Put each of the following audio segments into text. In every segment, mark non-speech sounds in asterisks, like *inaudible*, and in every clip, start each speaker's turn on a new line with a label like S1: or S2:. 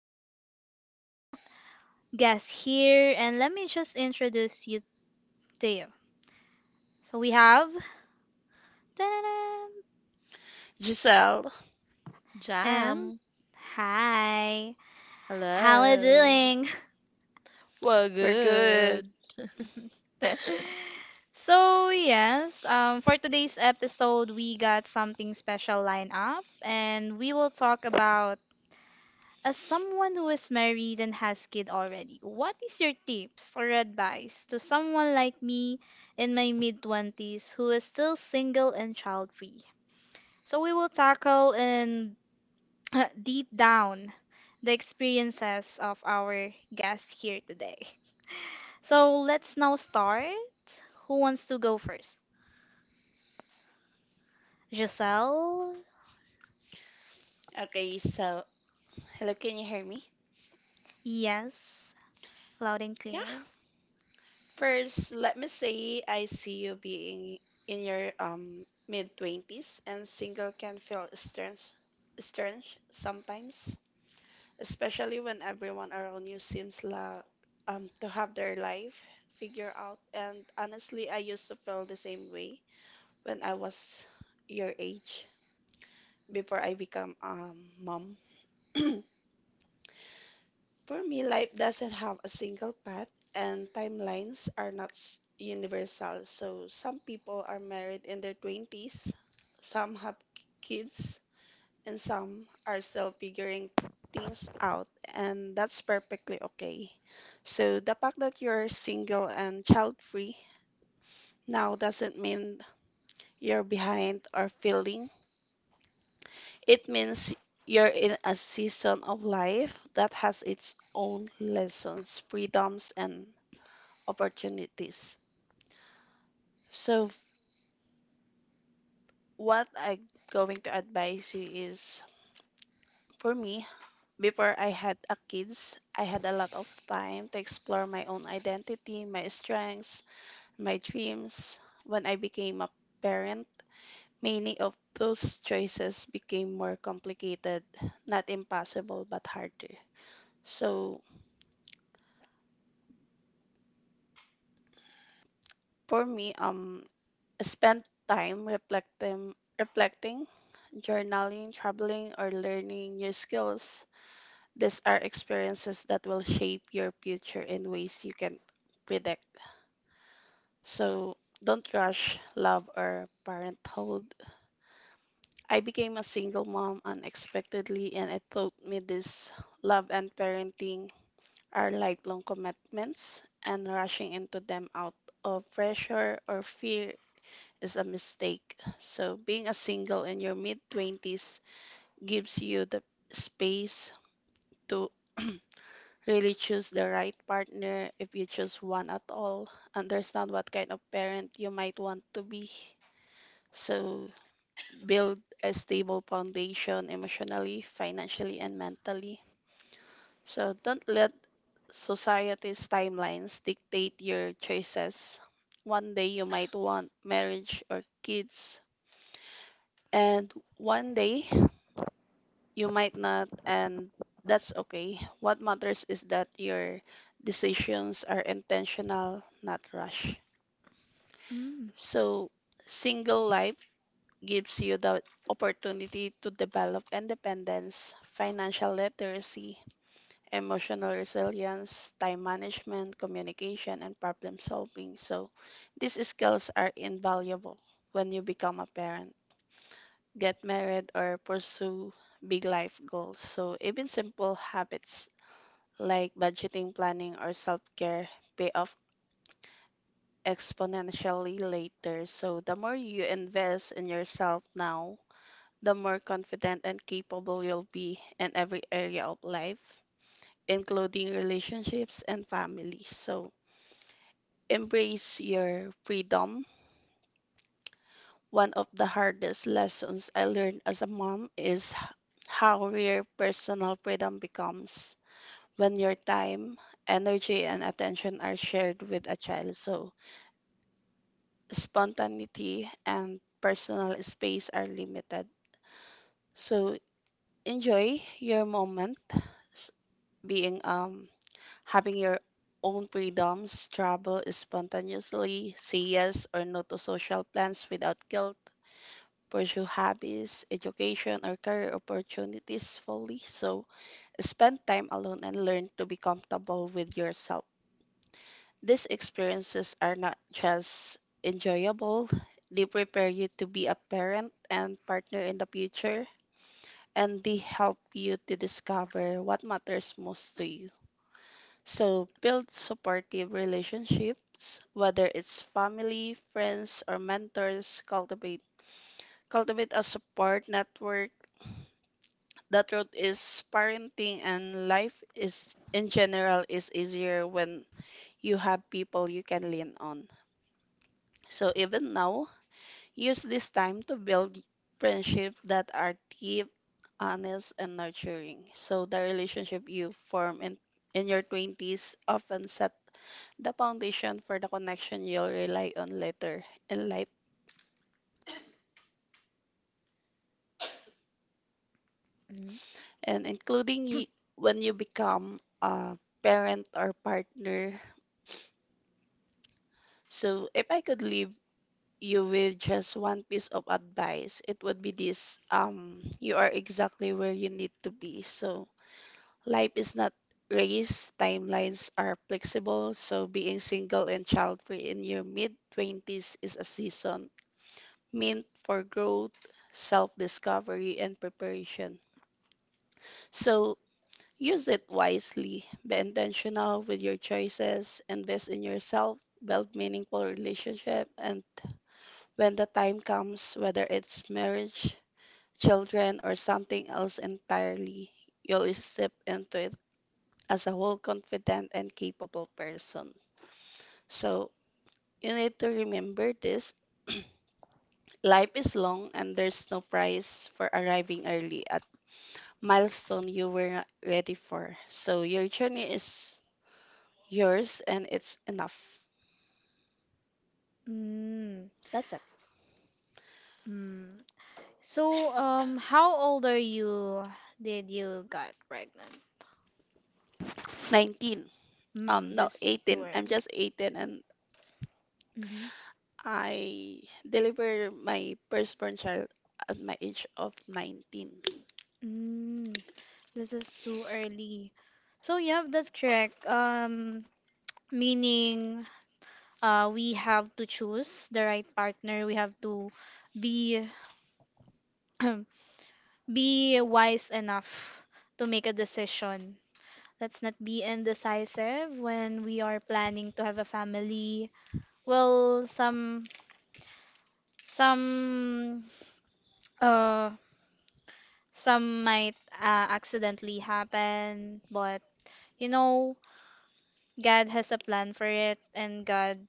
S1: have guests here, and let me just introduce you to you. So, we have, Ta-da-da,
S2: Giselle.
S1: and
S3: Jam,
S1: hi, how are you
S3: hello.
S1: doing? *laughs*
S3: Well,
S2: We're
S3: good.
S2: good.
S1: *laughs* So, yes, for today's episode, we got something special lined up, and we will talk about as someone who is married and has kid already, what is your tips or advice to someone like me in my mid 20s who is still single and child-free? So, we will tackle and *clears throat* deep down the experiences of our guest here today. So, let's now start. Who wants to go first? Giselle?
S2: Okay, so hello, can you hear me?
S1: Yes, loud and
S2: Yeah.
S1: clear.
S2: First, let me say I see you being in your mid-20s and single can feel stern sometimes, especially when everyone around you seems like to have their life figured out. And honestly, I used to feel the same way when I was your age before I become a mom. *clears throat* For me, life doesn't have a single path, and timelines are not universal. So, some people are married in their 20s, some have kids, and some are still figuring things out, and that's perfectly okay. So, the fact that you're single and child free now doesn't mean you're behind or failing, it means you're in a season of life that has its own lessons, freedoms, and opportunities. So, what I'm going to advise you is for me, before I had a kids, I had a lot of time to explore my own identity, my strengths, my dreams. When I became a parent, many of those choices became more complicated, not impossible, but harder. So, for me, I spent time reflecting, journaling, traveling, or learning new skills. These are experiences that will shape your future in ways you can't predict. So don't rush love or parenthood. I became a single mom unexpectedly, and it taught me this love and parenting are lifelong commitments, and rushing into them out of pressure or fear is a mistake. So being a single in your mid 20s gives you the space to *clears throat* really choose the right partner if you choose one at all. Understand what kind of parent you might want to be. So, build a stable foundation emotionally, financially, and mentally. So, don't let society's timelines dictate your choices. One day you might want marriage or kids, and one day you might not, and that's okay. What matters is that your decisions are intentional, not rushed.
S1: Mm,
S2: So, single life gives you the opportunity to develop independence, financial literacy, emotional resilience, time management, communication, and problem solving. So, these skills are invaluable when you become a parent, get married, or pursue big life goals. So, even simple habits like budgeting, planning, or self care pay off exponentially later. So, the more you invest in yourself now, the more confident and capable you'll be in every area of life, including relationships and family. So, embrace your freedom. One of the hardest lessons I learned as a mom is how rare personal freedom becomes when your time, energy, and attention are shared with a child. So, spontaneity, and personal space are limited. So enjoy your moment, s- being having your own freedoms, travel spontaneously, say yes or no to social plans without guilt, pursue hobbies, education, or career opportunities fully. So spend time alone and learn to be comfortable with yourself. These experiences are not just enjoyable, they prepare you to be a parent and partner in the future, and they help you to discover what matters most to you. So, build supportive relationships, whether it's family, friends, or mentors, cultivate a support network. The truth is parenting and life is in general is easier when you have people you can lean on. So even now, use this time to build friendships that are deep, honest, and nurturing. So the relationship you form in your 20s often set the foundation for the connection you'll rely on later in life,
S1: mm,
S2: and when you become a parent or partner. So if I could leave you with just one piece of advice, it would be this. You are exactly where you need to be. So life is not race, timelines are flexible, so being single and child-free in your mid-20s is a season meant for growth, self-discovery, and preparation. So use it wisely, be intentional with your choices, invest in yourself, build meaningful relationship, and when the time comes, whether it's marriage, children, or something else entirely, you'll step into as a whole confident and capable person. So you need to remember this. *clears throat* Life is long and there's no prize for arriving early at milestone you were not ready for. So your journey is yours and it's enough.
S1: mm,
S2: That's it.
S1: mm. So, how old are you? Did you got pregnant?
S2: 19.
S1: Mm,
S2: No,
S1: that's
S2: 18.
S1: too
S2: I'm
S1: early.
S2: just 18 and
S1: Mm-hmm.
S2: I deliver my firstborn child at my age of 19.
S1: Mm, this is too early. So, yeah, that's correct. Meaning, we have to choose the right partner. We have to be *clears throat* be wise enough to make a decision. Let's not be indecisive when we are planning to have a family. Well, some uh some might accidentally happen, but you know, God has a plan for it and God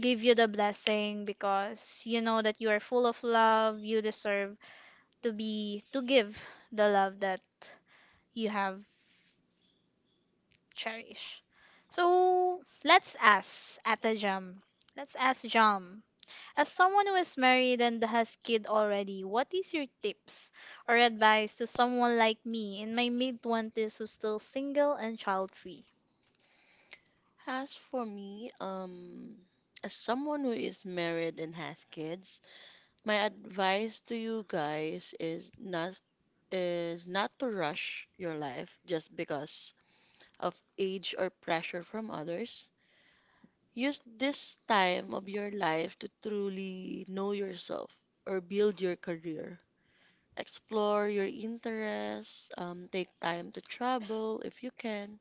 S1: give you the blessing because you know that you are full of love, you deserve to be to give the love that you have cherished. So, let's ask at the Jam. Let's ask Jam. As someone who is married and has kid already, what is your tips or advice to someone like me in my mid 20s who's still single and child-free?
S3: As for me, as someone who is married and has kids, my advice to you guys is not to rush your life just because of age or pressure from others. Use this time of your life to truly know yourself or build your career. Explore your interests, take time to travel if you can.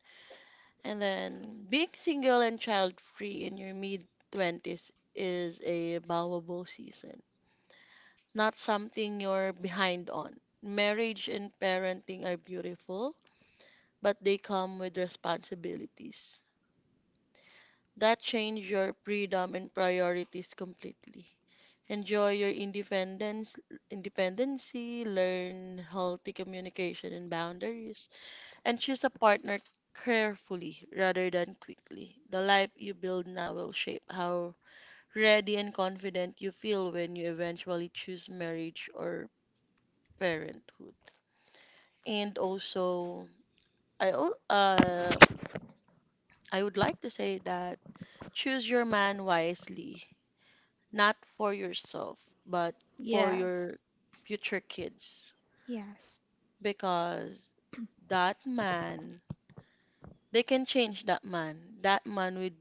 S3: And then being single and child free in your mid 20s is a valuable season, not something you're behind on. Marriage and parenting are beautiful, but they come with responsibilities that change your freedom and priorities completely. Enjoy your independence, independency, learn healthy communication and boundaries, and choose a partner carefully rather than quickly. The life you build now will shape how ready and confident you feel when you eventually choose marriage or parenthood. And also, I al- uh, I would like to say that choose your man wisely, not for yourself, but for
S1: Yes,
S3: your future kids,
S1: yes,
S3: because that man, they can change that man. That man with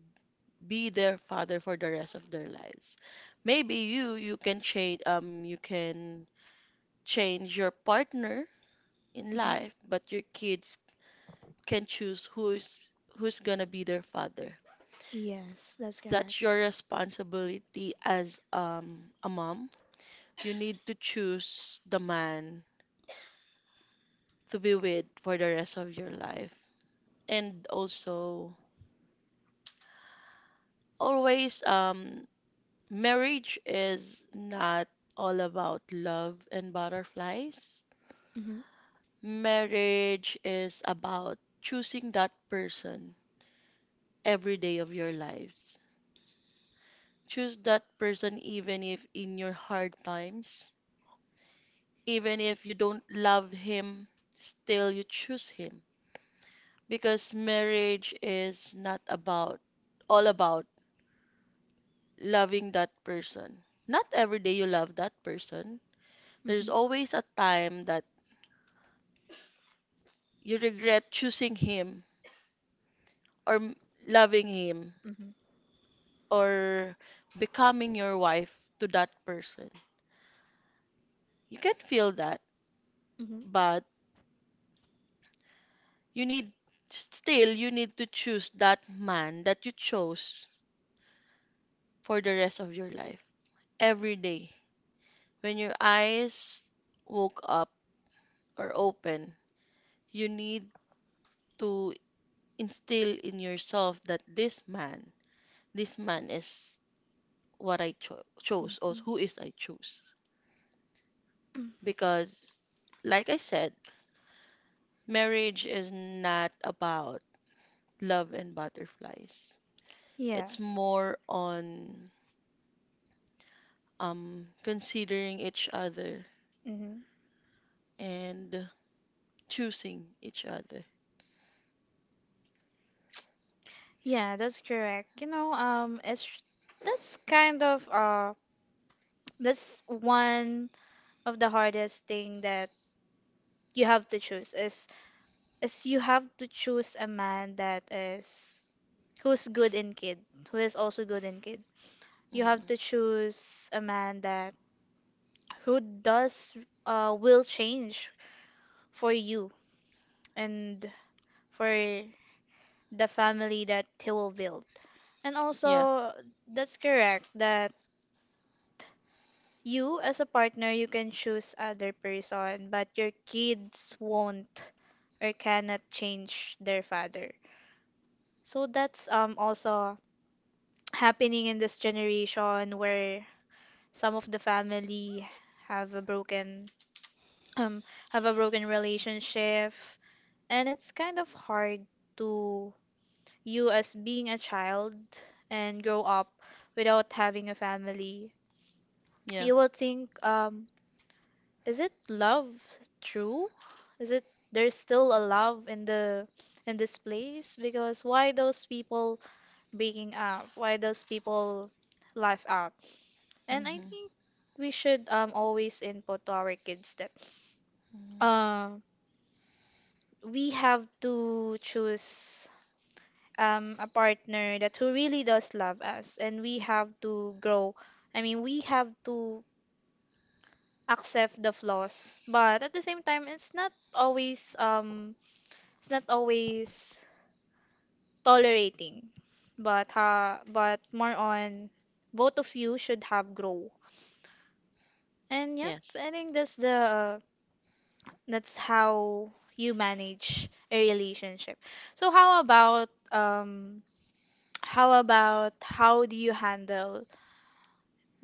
S3: be their father for the rest of their lives. Maybe you can change your partner in
S1: Mhm.
S3: life, but your kids can choose who's gonna be their father.
S1: yes, that's correct.
S3: That's your responsibility as a mom. You need to choose the man to be with for the rest of your life. And also always, marriage is not all about love and butterflies.
S1: Mhm.
S3: Marriage is about choosing that person every day of your lives. Choose that person even if in your hard times, even if you don't love him, still you choose him. Because marriage is not about, all about loving that person. Not every day you love that person. There's
S1: Mhm.
S3: always a time that you regret choosing him or loving him
S1: Mhm.
S3: or becoming your wife to that person. You can feel that,
S1: Mhm.
S3: but you need still you need to choose that man that you chose for the rest of your life. Every day when your eyes woke up or open, you need to instill in yourself that this man is what I chose or
S1: Mhm.
S3: who is I choose because like I said, marriage is not about love and butterflies. It's
S1: Yes.
S3: more on considering each other
S1: Mhm.
S3: and choosing each other.
S1: Yeah, that's correct. It's that's kind of that's one of the hardest thing that you have to choose is you have to choose a man that is who's good in kid, who is also good in kid. You
S3: Mm.
S1: have to choose a man that who does will change for you and for the family that he will build. And
S3: Yeah,
S1: also that's correct that you as a partner you can choose other person but your kids won't or cannot change their father. So that's also *tsk* happening in this generation where some of the family have a broken um have a broken relationship and it's kind of hard to you as being a child and grow up without having a family.
S3: yeah.
S1: You will think is it love true? Is it there's still a love in the in this place because why those people Baking up. Why does people laugh out? And I
S3: Hmm.
S1: think we should always input to our kids that um we have to choose a partner that who really does love us and we have to grow. I mean, we have to accept the flaws, but at the same time it's not always tolerating. But but more on both of you should have grow. And yeah,
S3: Yes.
S1: I think that's the that's how you manage a relationship. So how about how do you handle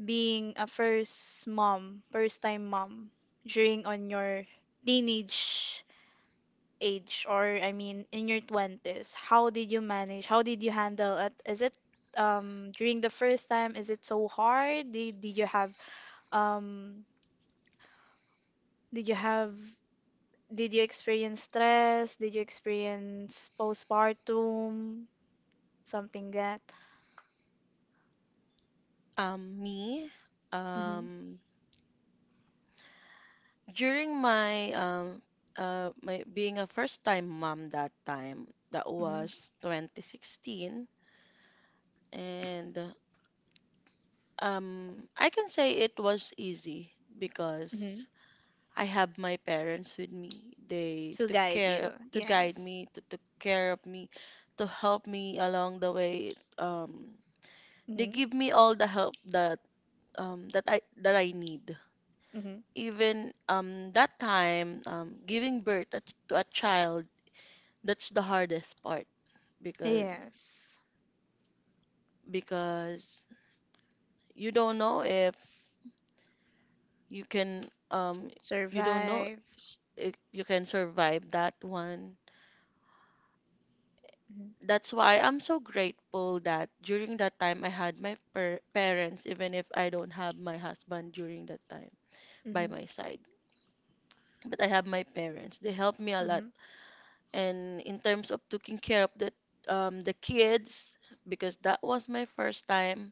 S1: being a first mom, first time mom during on your teenage age or I mean in your 20s? How did you manage? How did you handle it? Is it during the first time is it so hard? Did you have um did you have. Did you experience stress? Did you experience postpartum? Something that.
S3: Me,
S1: Mm-hmm.
S3: um, during my being a first-time mom that time, that
S1: Mm-hmm.
S3: was 2016, and I can say it was easy
S1: Mm-hmm.
S3: because I have my parents with me. They
S1: Who
S3: took
S1: guide
S3: care
S1: you?
S3: to guide
S1: Yes.
S3: me, to took care of me, to help me along the way. They
S1: Mm-hmm.
S3: give me all the help that I need.
S1: Mm-hmm.
S3: Even that time, giving birth to a child, that's the hardest part because
S1: Yes.
S3: because you don't know if you can you don't know
S1: Survive.
S3: s- if you can survive that one.
S1: Mm-hmm.
S3: That's why I'm so grateful that during that time I had my per parents, even if I don't have my husband during that time by
S1: Mm-hmm.
S3: my side. But I have my parents. They helped me a lot.
S1: Mm-hmm.
S3: And in terms of taking care of the kids, because that was my first time,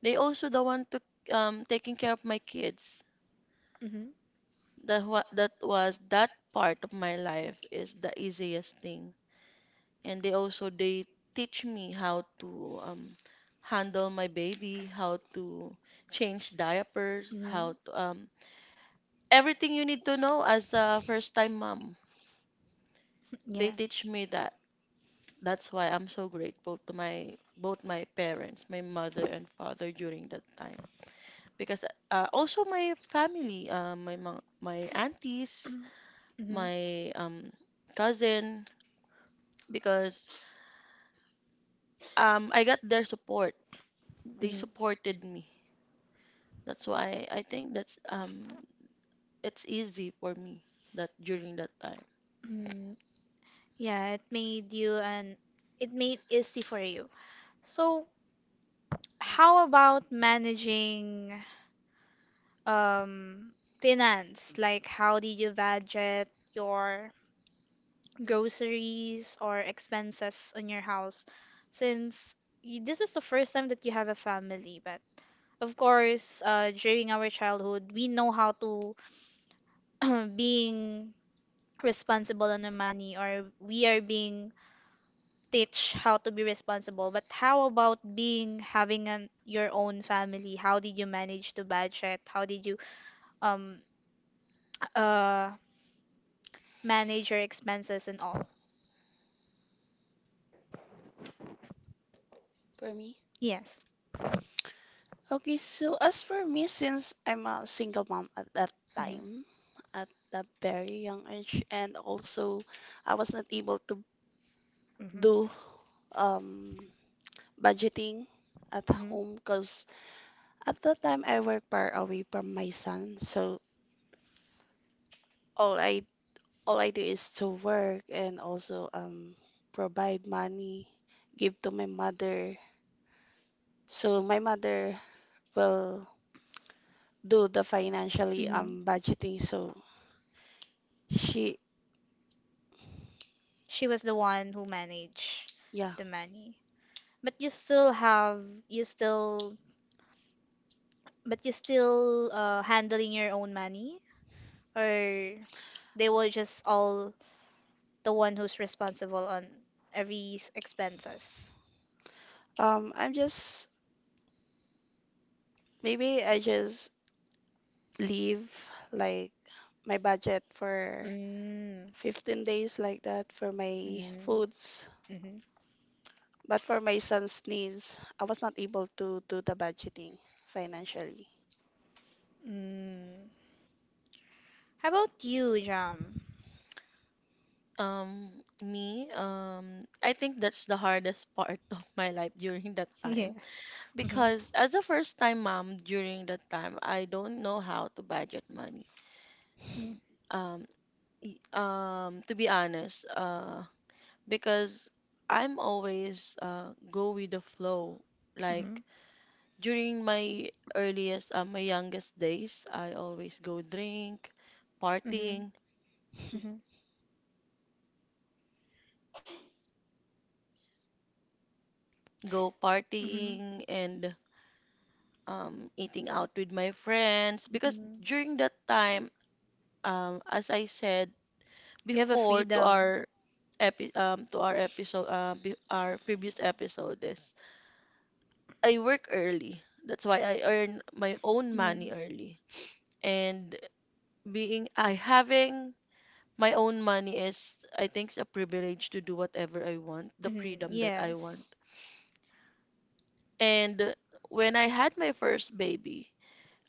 S3: they also the one took taking care of my kids.
S1: Mm-hmm.
S3: That was that part of my life is the easiest thing, and they also they teach me how to handle my baby, how to change diapers,
S1: Mm-hmm.
S3: how to everything you need to know as a first time mom.
S1: Yeah.
S3: They teach me that. That's why I'm so grateful to my both my parents, my mother and father during that time. Because also my family, my my aunties,
S1: Mm-hmm.
S3: my cousin, because I got their support. They
S1: Mm-hmm.
S3: supported me. That's why I think that's it's easy for me that during that time.
S1: Mm-hmm. Yeah, it made you and it made easy for you. So, how about managing um finance? Like how did you budget your groceries or expenses on your house? Since you, this is the first time that you have a family, but of course, during our childhood, we know how to *clears throat* being responsible on the money or we are being teach how to be responsible, but how about being having an your own family? How did you manage to budget? How did you um uh manage your expenses and all?
S2: For me,
S1: Yes.
S2: okay, so as for me, since I'm a single mom at that
S1: Mm-hmm.
S2: time, at a very young age, and also I was not able to
S1: Mm-hmm.
S2: do um, budgeting at
S1: Mm-hmm.
S2: home because at that time I work far away from my son, so all I all I do is to work and also provide money, give to my mother. So my mother will do the financially
S1: Mm-hmm.
S2: budgeting, so she
S1: She was the one who managed
S2: yeah.
S1: the money. But you still you still handling your own money or they were just all the one who's responsible on every expenses.
S2: I'm just Maybe I just leave like my budget for
S1: Mm.
S2: 15 days like that for my
S1: Mm.
S2: foods,
S1: Mm-hmm.
S2: but for my son's needs, I was not able to do the budgeting financially.
S1: Mm. How about you, Jam? *laughs*
S3: Me, I think that's the hardest part *laughs* of my life during that time
S1: Yeah. Mm-hmm.
S3: because as a first time mom during that time, I don't know how to budget money. Um, to be honest, because I'm always go with the flow.
S1: Mm-hmm.
S3: Like during my my youngest days, I always go drink,
S1: Mm-hmm.
S3: partying,
S2: *laughs*
S1: Mm-hmm.
S3: go
S1: Mhm,
S3: partying and eating out with my friends because
S1: mhm.
S3: during that time, as I said
S1: You have a
S3: before to
S1: freedom.
S3: our epi to our episode, be our previous episode is I work early. That's why I earn my own
S1: Mm-hmm.
S3: money early. And being I having my own money is, I think, it's a privilege to do whatever I want, the
S1: Mm-hmm.
S3: freedom that I want.
S1: Yes.
S3: And when I had my first baby,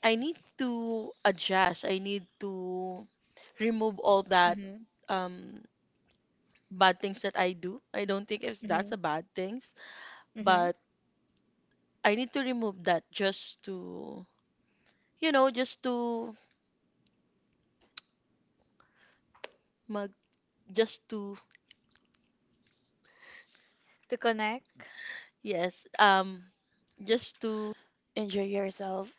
S3: I need to adjust. I need to remove all that
S1: Mm-hmm.
S3: um, bad things that I do. I don't think if that's
S1: Mm-hmm.
S3: a bad things,
S1: Mm-hmm.
S3: but I need to remove that just to, you know, just to mag, just to,
S1: To connect.
S3: yes, just
S2: Enjoy yourself.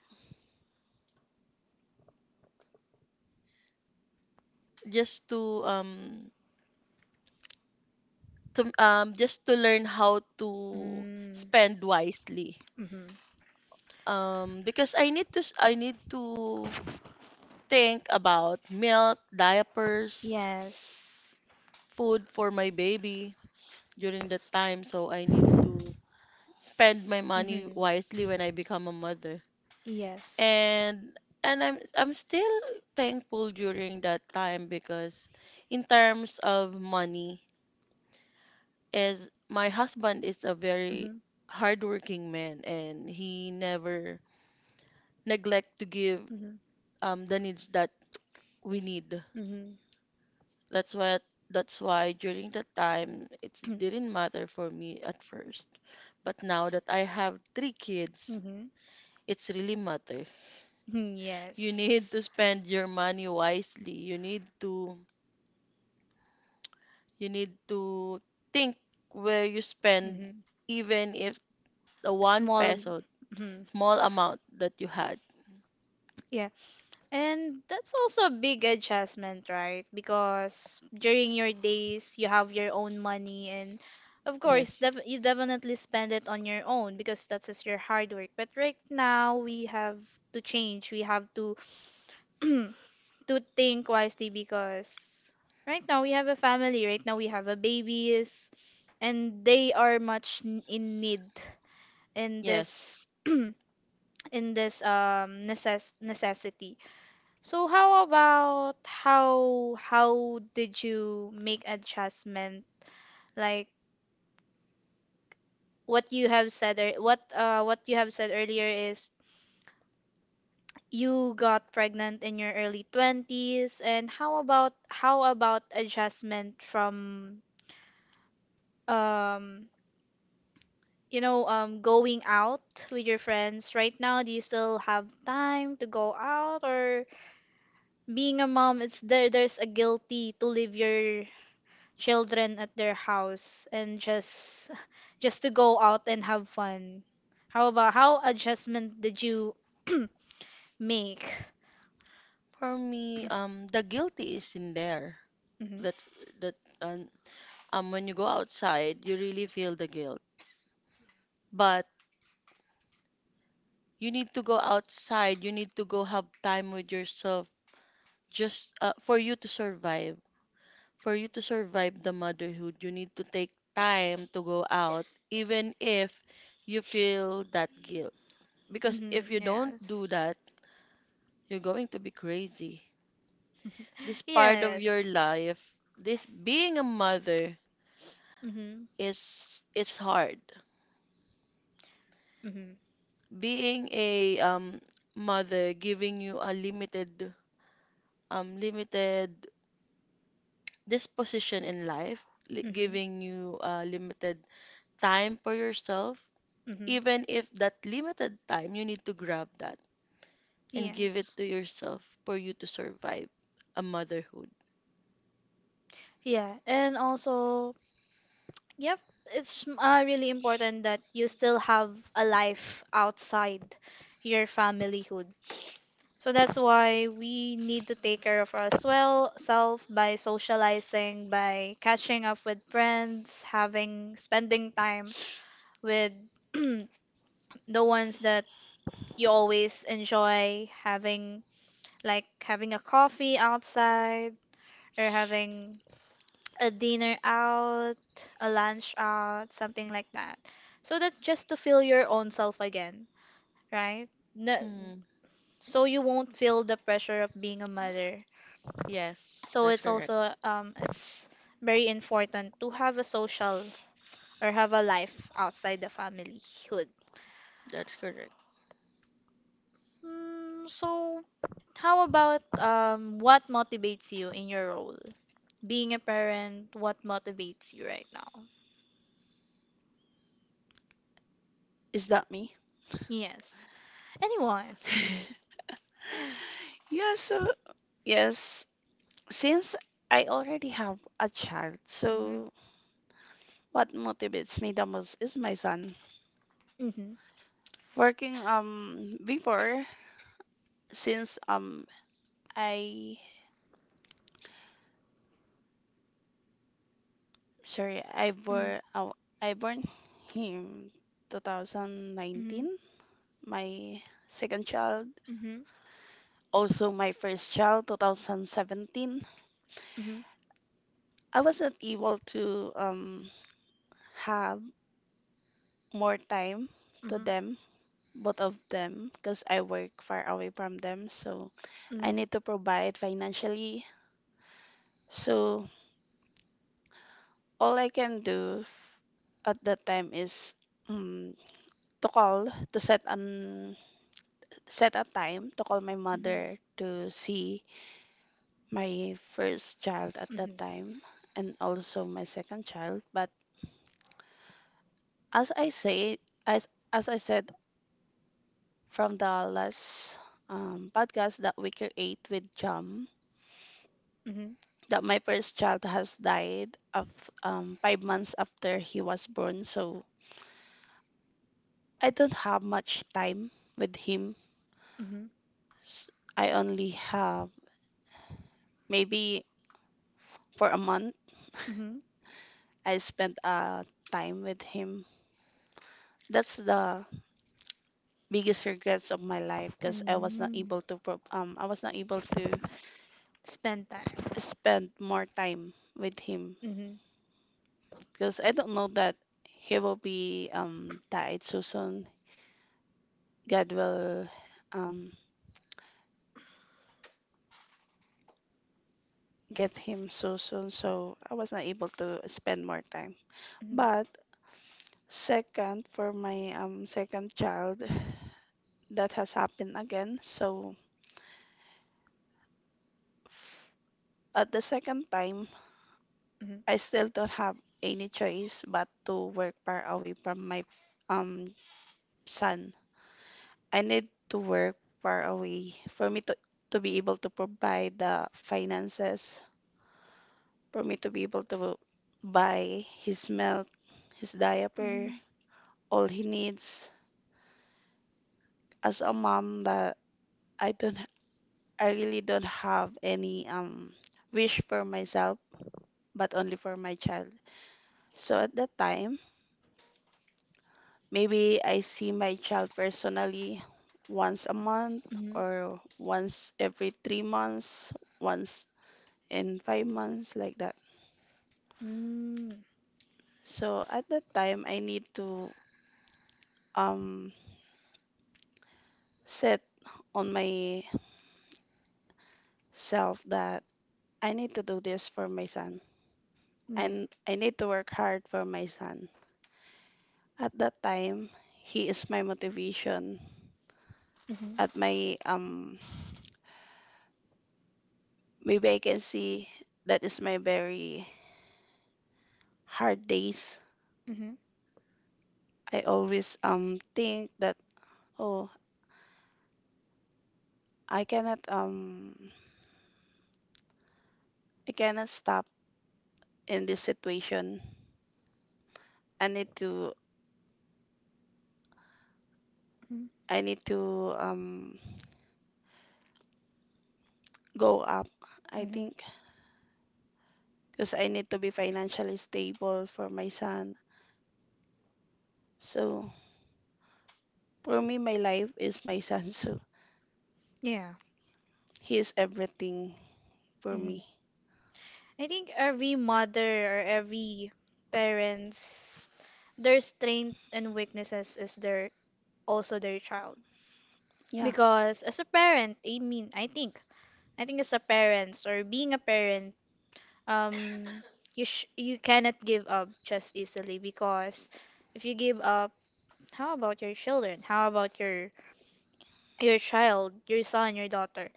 S3: just to um to just to learn how to
S1: Mm.
S3: spend wisely.
S1: Mm-hmm.
S3: Because I need to think about milk, diapers,
S1: Yes.
S3: food for my baby during that time. So I need to spend my money
S1: Mm-hmm.
S3: wisely when I become a mother.
S1: Yes.
S3: And and I'm still thankful during that time because in terms of money, as my husband is a very
S1: Mm-hmm.
S3: hardworking man and he never neglect to give
S1: Mm-hmm.
S3: the needs that we need.
S1: Mm-hmm.
S3: That's what that's why during that time it didn't matter for me at first. But now that I have three kids,
S1: Mm-hmm.
S3: it's really matter.
S1: *clears throat*
S3: You need
S1: Yes.
S3: to spend your money wisely. You need to think where you spend
S1: Mm-hmm.
S3: even if the
S1: A
S3: one
S1: small.
S3: peso
S1: Mm-hmm.
S3: small amount that you had.
S1: Yeah. And that's also a big adjustment, right? Because during your days, you have your own money, and of course,
S3: Yes.
S1: you definitely spend it on your own because that's just your hard work. But right now, we have to change. We have to *clears throat* to think wisely because right now we have a family. Right now we have a babies, and they are much in need in
S3: Yes.
S1: this *clears throat* in this necessity. So how about how did you make adjustment? Like what you have said earlier is you got pregnant in your early 20s and how about adjustment from um you know going out with your friends right now do you still have time to go out or being a mom it's there's a guilty to live your children at their house and just *laughs* just to go out and have fun. How about how adjustment did you *clears throat* make?
S3: For me, the guilty is in there.
S1: Mm-hmm.
S3: That that um, when you go outside, you really feel the guilt. But you need to go outside. You need to go have time with yourself, just for you to survive. For you to survive the motherhood, you need to take time to go out, even if you feel that guilt. Because
S1: Mm-hmm.
S3: if you don't do
S1: Yes.
S3: that, you're going to be crazy. This part of your
S1: Yes.
S3: life, this being a mother
S1: Mm-hmm.
S3: is it's hard.
S1: Mm-hmm.
S3: Being a mother giving you a limited disposition in life,
S1: Mm-hmm.
S3: giving you limited time for yourself.
S1: Mm-hmm.
S3: Even if that limited time, you need to grab that and give it
S1: Yes.
S3: to yourself for you to survive a motherhood.
S1: Yeah, and also Yep, it's really important that you still have a life outside your familyhood. So that's why we need to take care of ourselves well by socializing, by catching up with friends, having spending time with *clears throat* the ones that you always enjoy having like having a coffee outside or having a dinner out, a lunch out, something like that. So that just to feel your own self again, right? No,
S3: Hmm.
S1: so you won't feel the pressure of being a mother.
S3: Yes,
S1: So
S3: that's
S1: it's
S3: correct.
S1: also it's very important to have a social or have a life outside the familyhood.
S3: That's correct.
S1: Mm, so how about what motivates you in your role? Being a parent, what motivates you right now?
S2: Is that me?
S1: Yes. Anyone?
S2: *laughs* Yeah, so yes, since I already have a child,
S1: Mhm.
S2: so what motivates me the most is my son.
S1: Mm-hmm.
S2: Working before since I I
S1: Mm-hmm.
S2: born oh, I born him
S1: Mm-hmm.
S2: 2019. My second child,
S1: Mm-hmm.
S2: also my first child, 2017.
S1: Mm-hmm.
S2: I wasn't able to have more time to
S1: Mm-hmm.
S2: them, both of them, because I work far away from them. So I
S1: Mm-hmm.
S2: need to provide financially. So all I can do at that time is um, to call to set a time to call my
S1: Mm-hmm. Mm-hmm.
S2: mother to see my first child at that time and also my second child. But as I say, as as I said from the last podcast that we create with Jam,
S1: Mm-hmm.
S2: that my first child has died of 5 months after he was born, so I don't have much time with him.
S1: Mm-hmm.
S2: S- I only have maybe for a month
S1: Mm-hmm.
S2: I spent time with him. That's the biggest regrets of my life because I was not
S1: Mm.
S2: able to I was not able to
S1: Spend time.
S2: spend more time with him
S1: Mm-hmm.
S2: because I don't know that he will be died so soon. God will um get him so soon. So I was not able to spend more time.
S1: Mm-hmm.
S2: But second for my second child that has happened again. So f- at the second time
S1: Mm-hmm.
S2: I still don't have any choice but to work far away from my um son, I need to work far away for me to be able to provide the finances, for me to be able to buy his milk, his diaper,
S1: Mm-hmm.
S2: all he needs. As a mom that I don't I really don't have any wish for myself, but only for my child. So at that time, maybe I see my child personally once a month
S1: Mm-hmm.
S2: or once every 3 months, once and 5 months like that.
S1: Mm.
S2: So at that time, I need to um set on myself that I need to do this for my son,
S1: Yeah.
S2: and I need to work hard for my son. At that time, he is my motivation.
S1: Mm-hmm. Mm-hmm.
S2: At my maybe I can see that is my very hard days.
S1: Mm-hmm.
S2: I always think that oh I cannot um I cannot stop in this situation. I need to I need to go up, I
S1: Mm-hmm.
S2: think, because I need to be financially stable for my son. So for me, my life is my son. *laughs* So
S1: Yeah.
S2: he is everything for
S1: Mm-hmm.
S2: me.
S1: I think every mother or every parents, their strength and weaknesses is their also their child.
S2: Yeah.
S1: Because as a parent, I mean, I think as a parent or being a parent, um, you sh you cannot give up just easily because if you give up, how about your children? How about your child, your son, your daughter?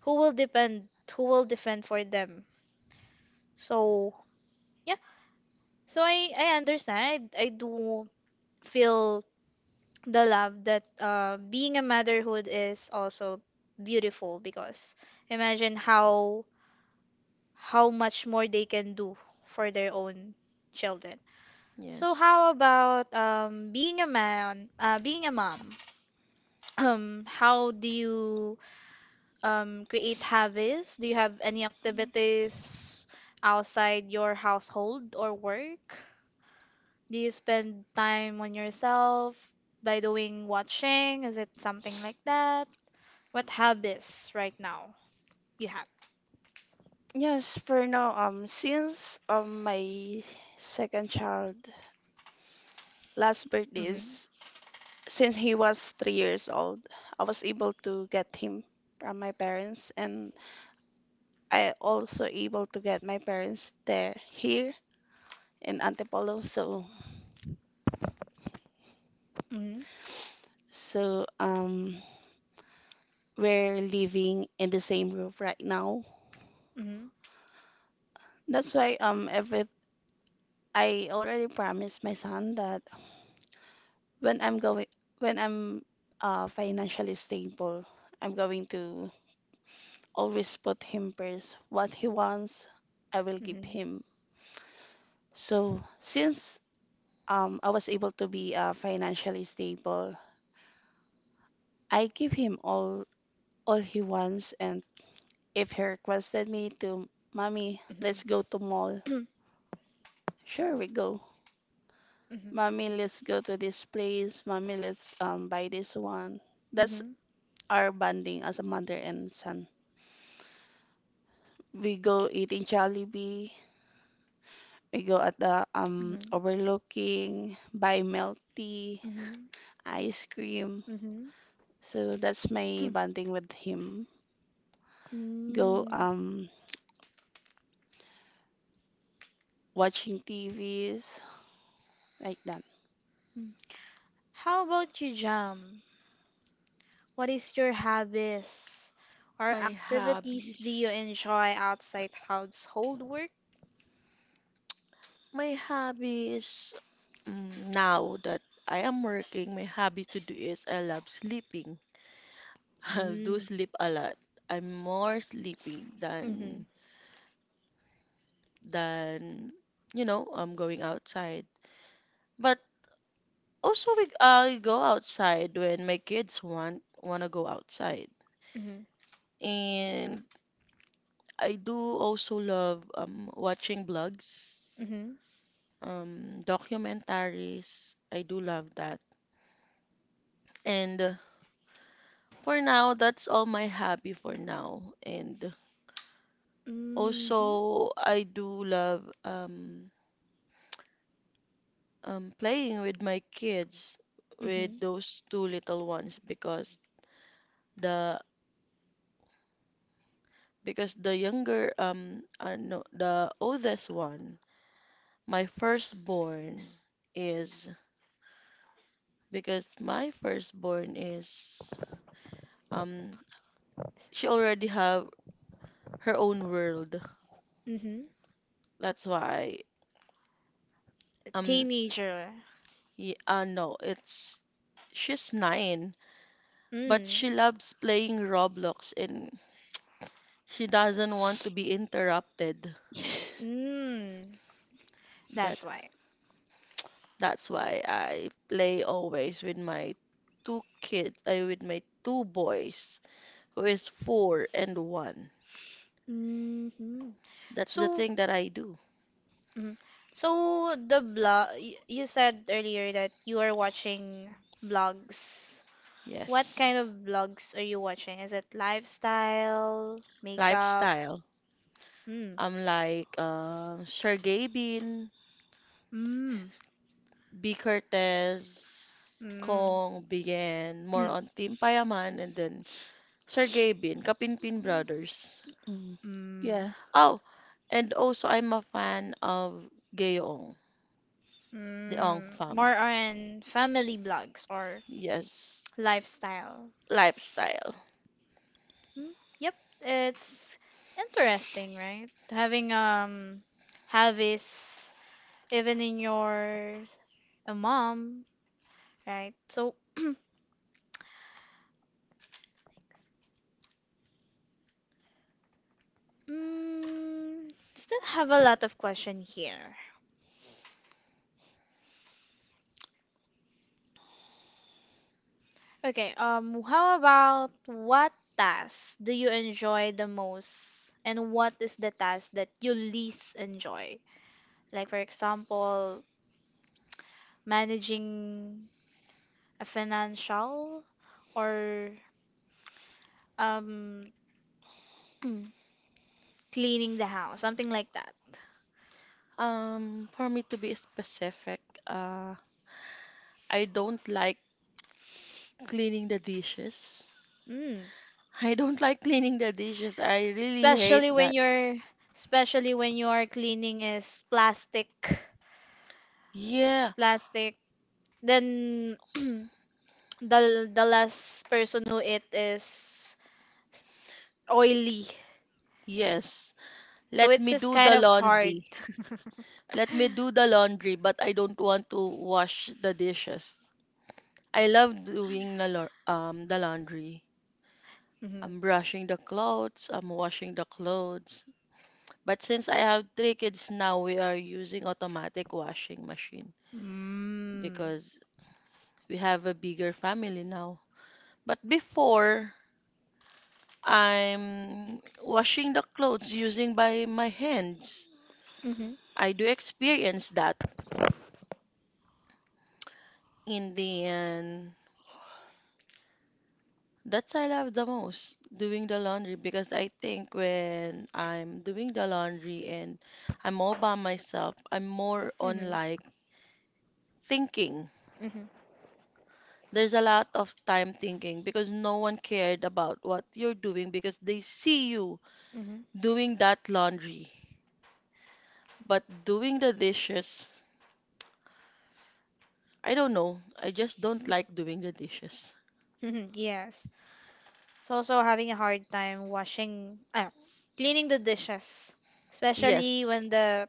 S1: Who will depend? Who will defend for them? So yeah, so I understand. I do feel the love that being a motherhood is also beautiful because imagine how much more they can do for their own children. So
S3: Yes.
S1: how about being a mom? *clears throat* How do you create habits? Do you have any
S2: Mm.
S1: activities outside your household or work? Do you spend time on yourself by doing watching? Is it something like that? What habits right now you have?
S2: Yes, for now, since my second child last birthday
S1: Mm-hmm.
S2: is since he was 3 years old, I was able to get him from my parents, and I also able to get my parents there here in Antipolo. So
S1: Mm-hmm.
S2: so we're living in the same roof right now. That's why every I already promised my son that when I'm going when I'm financially stable, I'm going to always put him first. What he wants, I will
S1: Mm-hmm.
S2: give
S1: Mm-hmm.
S2: him. So since I was able to be financially stable, I give him all he wants and if he requested me to, Mommy,
S1: Mm-hmm.
S2: let's go to
S1: *clears throat*
S2: mall. Sure, we go.
S1: Mm-hmm.
S2: Mommy, let's go to this place. Mommy, let's buy this one. That's
S1: Mm-hmm.
S2: our bonding as a mother and son. We go eating Jollibee. We go at the overlooking, buy milk tea,
S1: Mhm,
S2: ice cream.
S1: mhm.
S2: So that's my bonding with him. Go
S1: Mm.
S2: watching TVs like that.
S1: Mm. How about you, Jam? What is your hobbies or
S3: My
S1: activities do you
S3: hobbies.
S1: enjoy outside household work?
S3: My hobbies now that I am working, my hobby to do is I love sleeping. *laughs* I do
S1: Mm.
S3: sleep a lot. I'm more sleeping
S1: Mm-hmm.
S3: than I'm going outside. But also we I go outside when my kids want wanna go outside.
S1: Mm-hmm.
S3: And I do also love watching vlogs,
S1: Mm-hmm.
S3: documentaries. I do love that. And for now, that's all my hobby for now. And
S1: Mm-hmm.
S3: also, I do love playing with my kids, with
S1: Mm-hmm.
S3: those two little ones, the because the younger no, the oldest one, my firstborn is because my firstborn is um she already have her own world.
S1: Mm-hmm.
S3: That's why um
S1: Teenager.
S3: y no, it's she's nine, but
S1: Mm.
S3: she loves playing Roblox and she doesn't want to be interrupted.
S2: *laughs*
S1: Mm. That's
S3: That
S1: why.
S3: that's why I play always with my two kids, I with my two boys, who is four and one.
S1: Mm-hmm.
S3: That's the
S1: So,
S3: thing that I do.
S1: mm. So the blog you said earlier that you are watching blogs. What
S3: Yes.
S1: kind of blogs are you watching? Is it lifestyle, makeup?
S3: Lifestyle.
S1: Hmm.
S3: I'm like Sergey Bean.
S1: Mm.
S3: B. Cortez,
S1: Mm.
S3: Kong began more
S1: Mm.
S3: on Team Payaman and then Sergey Bin, Kapinpin Brothers.
S2: Mm.
S1: Mm.
S2: Yeah.
S3: Oh, and also I'm a fan of Gayong, the Ong
S1: Mm.
S3: fam.
S1: More on family blogs or
S3: Yes,
S1: lifestyle.
S3: lifestyle.
S1: Mm. Yep, it's interesting, right? Having hobbies even in your a mom, right? So, mm, still have a lot of question here. Okay, how about what task do you enjoy the most, and what is the task that you least enjoy? Like, for example, managing a financial or um, cleaning the house, something like that.
S3: For me to be specific, uh, I don't like cleaning the dishes. *laughs*
S1: Mm.
S3: I don't like cleaning the dishes. I really hate
S1: Especially when
S3: that.
S1: you're, especially when your cleaning is plastic,
S3: Yeah,
S1: plastic, then *clears throat* the last person who it is oily.
S3: yes.
S1: So
S3: Let
S1: it's
S3: me
S1: just
S3: do
S1: kind
S3: the
S1: of hard.
S3: laundry.
S1: *laughs*
S3: Let me do the laundry, but I don't want to wash the dishes. I love doing the laundry.
S1: Mhm.
S3: I'm brushing the clothes, I'm washing the clothes. But since I have three kids now, we are using automatic washing machine
S1: Mm.
S3: because we have a bigger family now. But before, I'm washing the clothes using by my hands.
S1: Mhm.
S3: I do experience that in the end. That's I love the most, doing the laundry, because I think when I'm doing the laundry and I'm all by myself, I'm more on
S1: Mhm.
S3: like thinking.
S1: Mhm.
S3: There's a lot of time thinking because no one cared about what you're doing because they see you
S1: Mhm.
S3: doing that laundry. But doing the dishes, I don't know. I just don't like doing the dishes.
S1: Mhm. Yes. So also having a hard time washing, cleaning the dishes,
S3: Yes.
S1: especially when the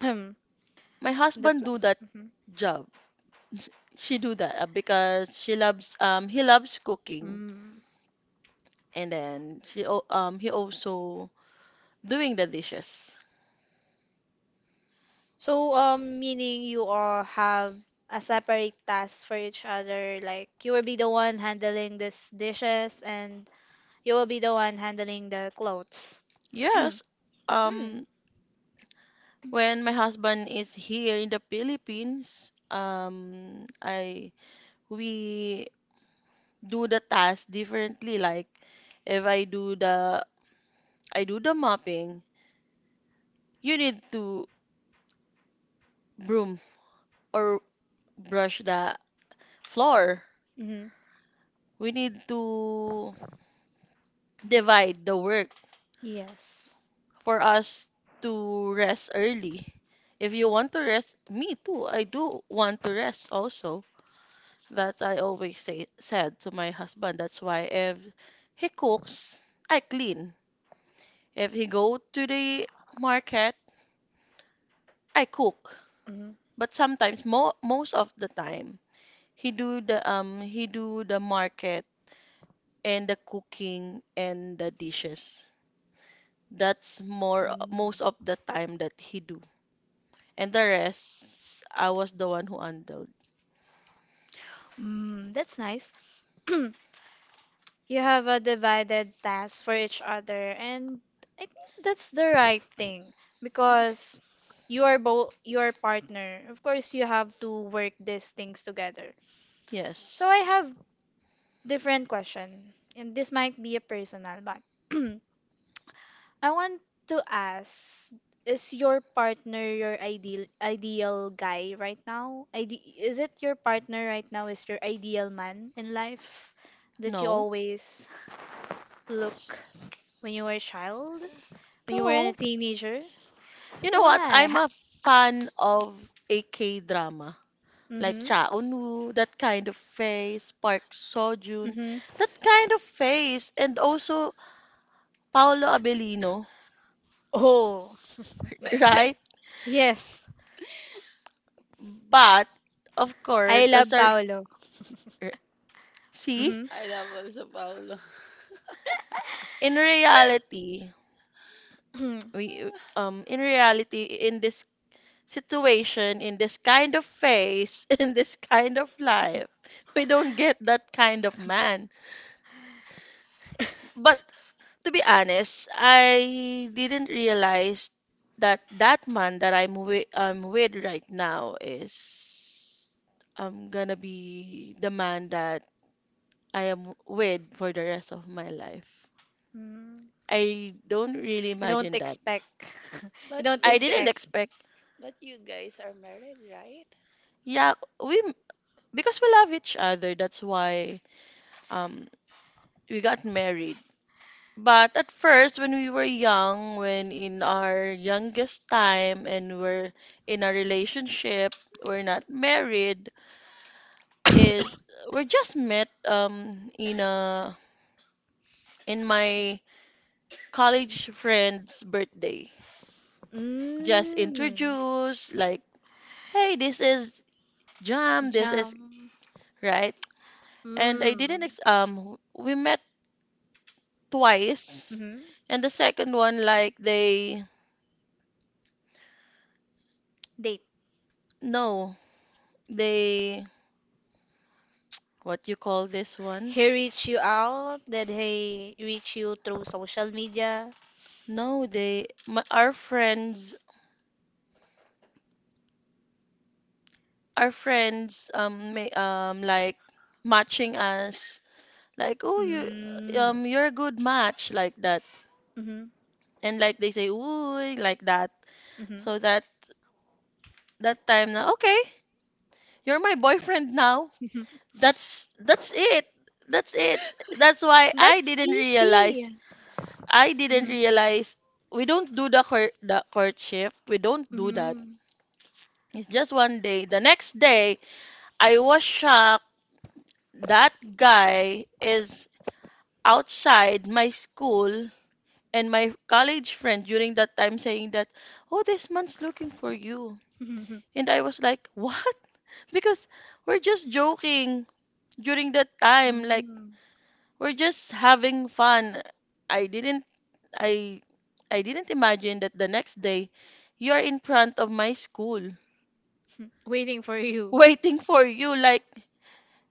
S1: *clears throat*
S3: My
S1: the
S3: husband do
S1: plas-
S3: that job. *laughs* She do that because she loves he loves cooking,
S1: Mhm.
S3: and then he also doing the dishes.
S1: So, meaning you all have a separate task for each other. Like you will be the one handling this dishes, and you will be the one handling the clothes. *clears throat*
S3: Yes,
S1: Mm.
S3: um when my husband is here in the Philippines, I we do the task differently like if I do the I do the mopping, you need to broom or brush the floor.
S1: Mm-hmm.
S3: We need to divide the work
S1: Yes.
S3: for us to rest early. If you want to rest, me too. I do want to rest also. That I always say said to my husband. That's why if he cooks, I clean. If he go to the market, I cook.
S1: Mm-hmm.
S3: But sometimes, mo most of the time, he do the market and the cooking and the dishes. That's more
S1: Mm.
S3: most of the time that he do. And the rest, I was the one who handled.
S1: Mm, that's nice. *clears throat* You have a divided task for each other, and I think that's the right thing because you are both your partner. Of course, you have to work these things together. So
S3: Yes.
S1: I have different question, and this might be a personal, but *clears throat* I want to ask, is your partner your ideal guy right now? Ide is it your partner right now is your ideal man in life that you
S3: No.
S1: always look when you were a child, when you were a
S3: No.
S1: teenager?
S3: You know what?
S1: Why?
S3: I'm
S1: Ha
S3: a fan of AK drama. Like
S1: mm-hmm.
S3: Cha Eun-woo, that kind of face, Park Seo-joon,
S1: Mm-hmm.
S3: that kind of face, and also Paolo Abellino,
S1: Oh,
S3: *laughs* right?
S1: *laughs* yes.
S3: But of
S1: I
S3: course, as
S1: love
S3: our
S1: Paolo.
S3: r- see,
S1: Hmm.
S2: I love also Paolo. *laughs*
S3: in reality,
S1: *clears throat*
S3: we in reality, in this situation, in this kind of phase, *laughs* in this kind of life. We don't get that kind of man. But to be honest, I didn't realize that that man that I'm with, right now is I'm gonna be the man that I am with for the rest of my life. I don't really
S1: You don't
S3: imagine that.
S1: expect. *laughs* You
S2: But
S1: don't
S3: I
S2: you
S3: didn't
S1: expect.
S2: guys,
S3: expect.
S2: but you guys are married, right?
S3: Yeah, we because we love each other. That's why um we got married. But at first, when we were young, when in our youngest time and we're in a relationship, we're not married, is we just met in my college friend's birthday. Just
S1: Mm.
S3: introduce like, hey, this is Jam, this is.
S1: Jam.
S3: Right. And I didn't
S1: Mm.
S3: ex we met twice,
S1: Hmm.
S3: and the second one, like, they,
S1: Date.
S3: no, they, what you call this one?
S1: He reached you out? Did he reach you through social media?
S3: No, our friends like matching us, like, oh,
S1: Mm.
S3: you're a good match, like that,
S1: Mm-hmm.
S3: and like they say, ooh, like that.
S1: Mm-hmm.
S3: So that that time, now, okay, you're my boyfriend now, that's it, that's it. That's why
S1: *laughs*
S3: I
S1: That's
S3: didn't realize
S1: easy.
S3: I didn't realize we don't do the courtship, we don't do that.
S1: Mm-hmm.
S3: It's just one day, the next day I was shocked that guy is outside my school, and my college friend during that time saying that, oh, this man's looking for you.
S1: Mm-hmm. *laughs*
S3: And I was like, what? *laughs* Because we're just joking during that time. Like,
S1: Mm,
S3: we're just having fun. I didn't, I, I didn't imagine that the next day you're in front of my school *laughs*
S1: waiting for you.
S3: waiting for you. Like,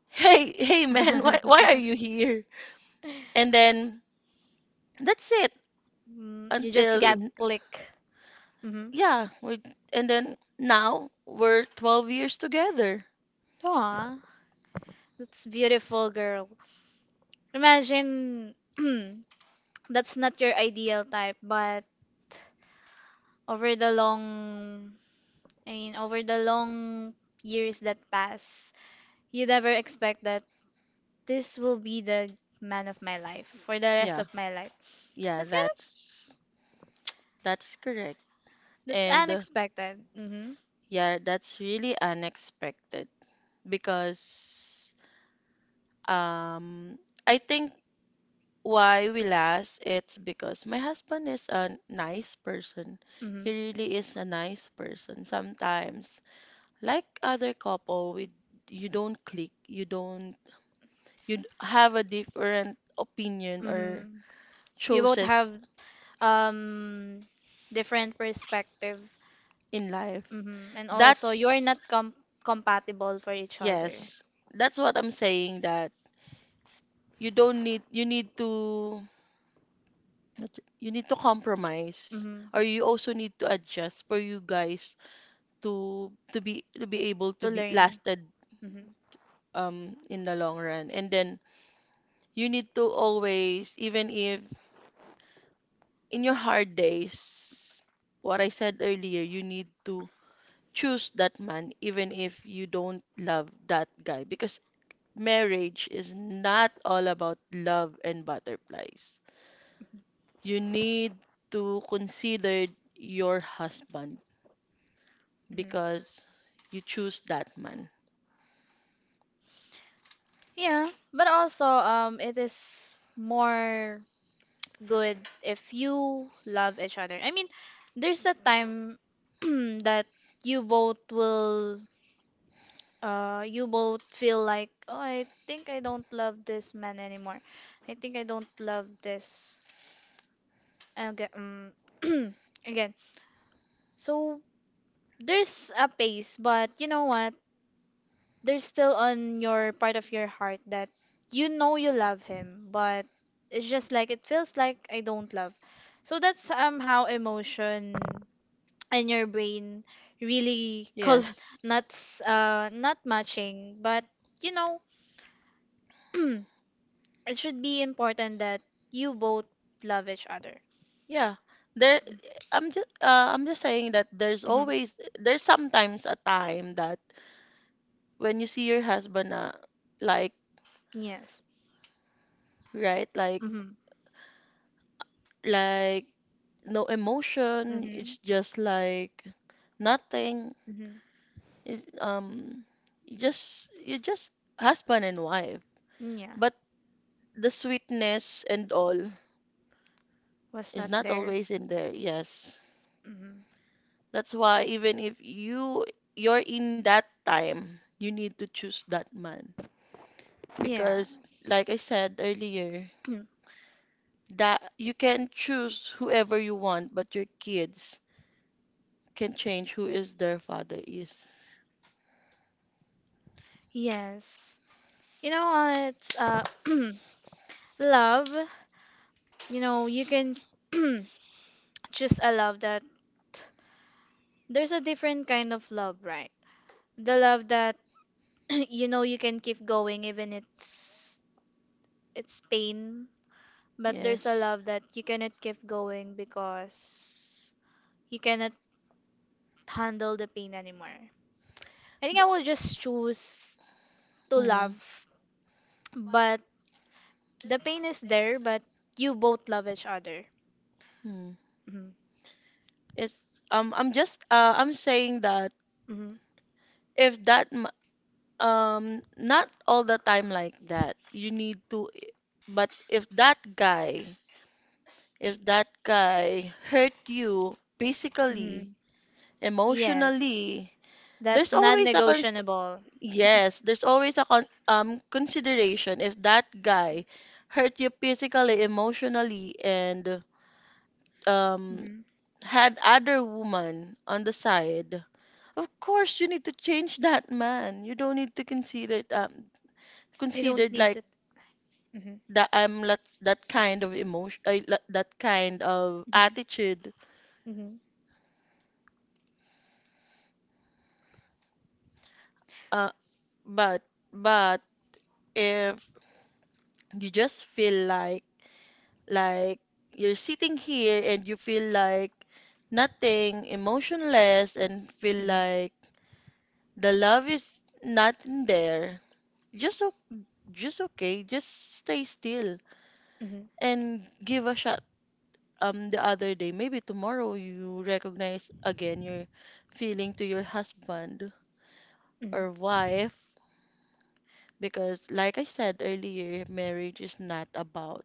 S3: hey, hey, man, why are you
S1: *laughs*
S3: here? And then that's it,
S1: Mm, you just got
S3: until
S1: click. Mm-hmm.
S3: yeah, we and then now we're 12 years together.
S1: Aw, that's beautiful, girl. Imagine *clears throat* that's not your ideal type, but over the long, over the long years that pass, you never expect that this will be the man of my life for the rest
S3: Yeah.
S1: of my life.
S3: Yeah,
S1: That's kind of
S3: that's correct.
S1: that's
S3: And
S1: unexpected. Mm-hmm.
S3: yeah, that's really unexpected because um I think why we last it's because my husband is a nice person.
S1: Mm-hmm.
S3: He really is a nice person. Sometimes, like other couple, we you don't click, you don't, you have a different opinion or
S1: Mm-hmm. You both
S3: choices
S1: have um different perspective.
S3: in life.
S1: Mm-hmm. And also you're
S3: That's
S1: not compatible for each other.
S3: yes. That's what I'm saying that you don't need, you need to compromise
S1: Mm-hmm.
S3: or you also need to adjust for you guys to be able to
S1: To
S3: be
S1: learn.
S3: lasted
S1: Mm-hmm.
S3: in the long run, and then you need to always, even if in your hard days, what I said earlier, you need to choose that man even if you don't love that guy because marriage is not all about love and butterflies.
S1: Mm-hmm.
S3: You need to consider your husband
S1: Mm-hmm.
S3: because you choose that man.
S1: Yeah, but also it is more good if you love each other. There's a time *clears throat* that you both will you both feel like, "Oh, I think I don't love this man anymore. I think I don't love this." Okay, *clears throat* again. So there's a pace, but you know what? There's still on your part of your heart that you know you love him, but it's just like it feels like I don't love. So that's how emotion and your brain really call *laughs*
S3: Yes.
S1: not matching but you know *clears throat* it should be important that you both love each other.
S3: Yeah. There I'm just saying that
S1: Hmm.
S3: there's sometimes a time that when you see your husband, like,
S1: Yes.
S3: right, like
S1: Mm-hmm.
S3: like no emotion.
S1: Mm-hmm.
S3: It's just like nothing.
S1: Mm-hmm.
S3: It's, you just husband and wife.
S1: Yeah.
S3: But the sweetness and all
S1: Was
S3: is
S1: not
S3: not
S1: there.
S3: always in there. Yes,
S1: Mm-hmm.
S3: that's why even if you're in that time, you need to choose that man because,
S1: Yes.
S3: like I said earlier,
S1: *clears throat*
S3: that you can choose whoever you want, but your kids can change who is their father is.
S1: Yes. You know what *clears throat* love, you know, you can *clears throat* just a love that there's a different kind of love, right? The love that *clears throat* you know you can keep going even it's pain, but there's a
S3: Yes.
S1: love that you cannot keep going because you cannot handle the pain anymore. I think I will just choose to
S3: Mm-hmm.
S1: love, but the pain is there, but you both love each other. Hmm.
S3: It's I'm saying that
S1: Hmm.
S3: if that not all the time like that. You need to I- But if that guy hurt you physically,
S1: Hmm. Yes,
S3: emotionally,
S1: that's
S3: there's always a cons
S1: non-negotiable.
S3: yes, there's always a consideration if that guy hurt you physically, emotionally, and um
S1: Hmm.
S3: had other woman on the side, of course you need to change that man. You don't need to consider it,
S1: You don't
S3: considered,
S1: need
S3: like,
S1: to. Mhm.
S3: that I'm not that kind of emotion, that kind of
S1: Mhm.
S3: attitude.
S1: Mhm.
S3: Uh, but but if you just feel like you're sitting here and you feel like nothing, emotionless, and feel
S1: Mhm.
S3: like the love is not in there, just just okay, just stay still
S1: Mhm.
S3: and give a shot the other day. Maybe tomorrow you recognize again your feeling to your husband
S1: Mhm.
S3: or wife because, like I said earlier, marriage is not about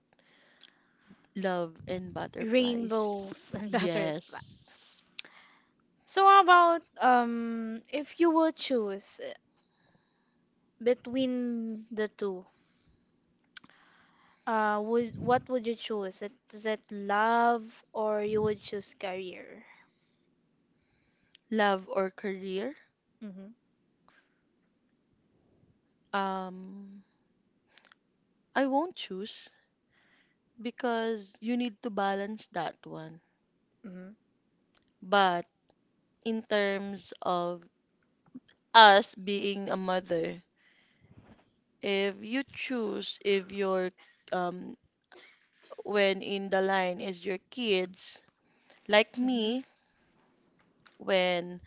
S3: love and
S1: Rainbows
S3: butterflies.
S1: and *laughs* butterflies.
S3: Yes.
S1: So how about if you would choose between the two, would what would you choose? Is it love or you would choose career?
S3: Love or career?
S1: Mhm.
S3: Um I won't choose because you need to balance that one.
S1: Mhm.
S3: But in terms of us being a mother, if you choose, if your, um when in the line is your kids, like
S1: Mhm.
S3: me, when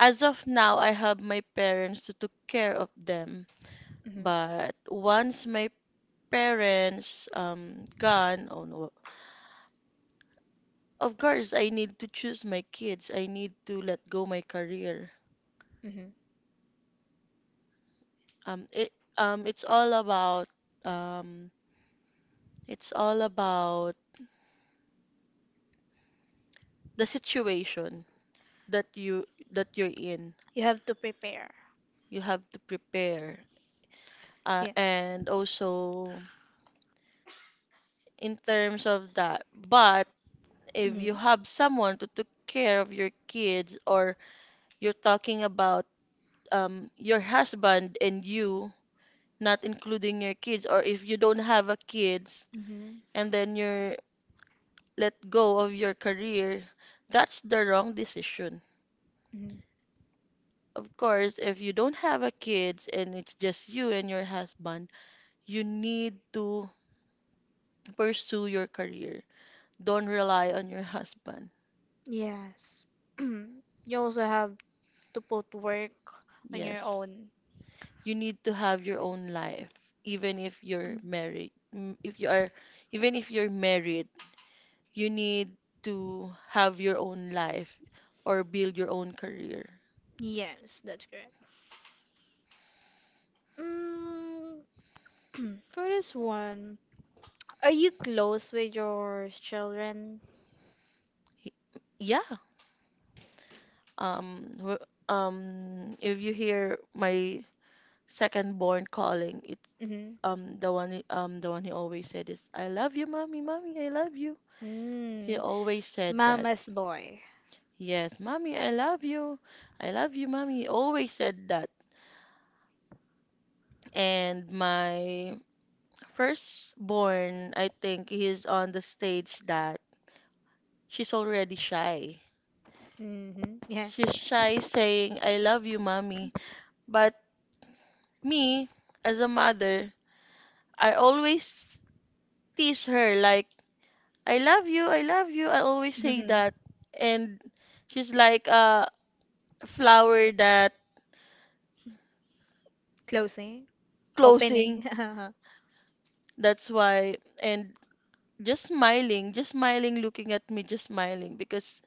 S3: as of now I have my parents to took care of them,
S1: Mhm.
S3: but once my parents gone, oh no, of course I need to choose my kids, I need to let go my career.
S1: Mhm.
S3: um it um it's all about um it's all about the situation that you that you're in.
S1: You have to prepare.
S3: You have to prepare,
S1: Yes.
S3: and also in terms of that, but if you
S1: Mhm.
S3: have someone to take care of your kids, or you're talking about, your husband and you, not including your kids, or if you don't have a kids,
S1: Mhm.
S3: and then you're let go of your career, that's the wrong decision.
S1: Mhm.
S3: Of course, if you don't have a kids and it's just you and your husband, you need to pursue your career, don't rely on your *laughs* husband.
S1: Yes. *clears throat* You also have to both work on your
S3: Yes.
S1: own.
S3: You need to have your own life even if you're married. If you are even if you're married, you need to have your own life or build your own career.
S1: Yes, that's correct. Mm, *clears throat* for this one, are you close with your children?
S3: Y- Yeah. Um wh- if you hear my second born calling, it,
S1: Mm-hmm.
S3: the one he always said is, I love you, mommy, mommy, I love you. He
S1: Mm,
S3: always said that.
S1: mama's boy.
S3: Yes, mommy, I love you. I love you, mommy. Always said that. And my firstborn, I think he's on the stage that she's already shy.
S1: Mm-hmm. Yeah.
S3: She's shy saying, I love you, mommy. But me, as a mother, I always tease her, like, I love you, I love you. I always say
S1: Mm-hmm.
S3: that. And she's like a flower that
S1: Closing, opening.
S3: closing.
S1: *laughs*
S3: That's why. And just smiling, looking at me, just smiling, because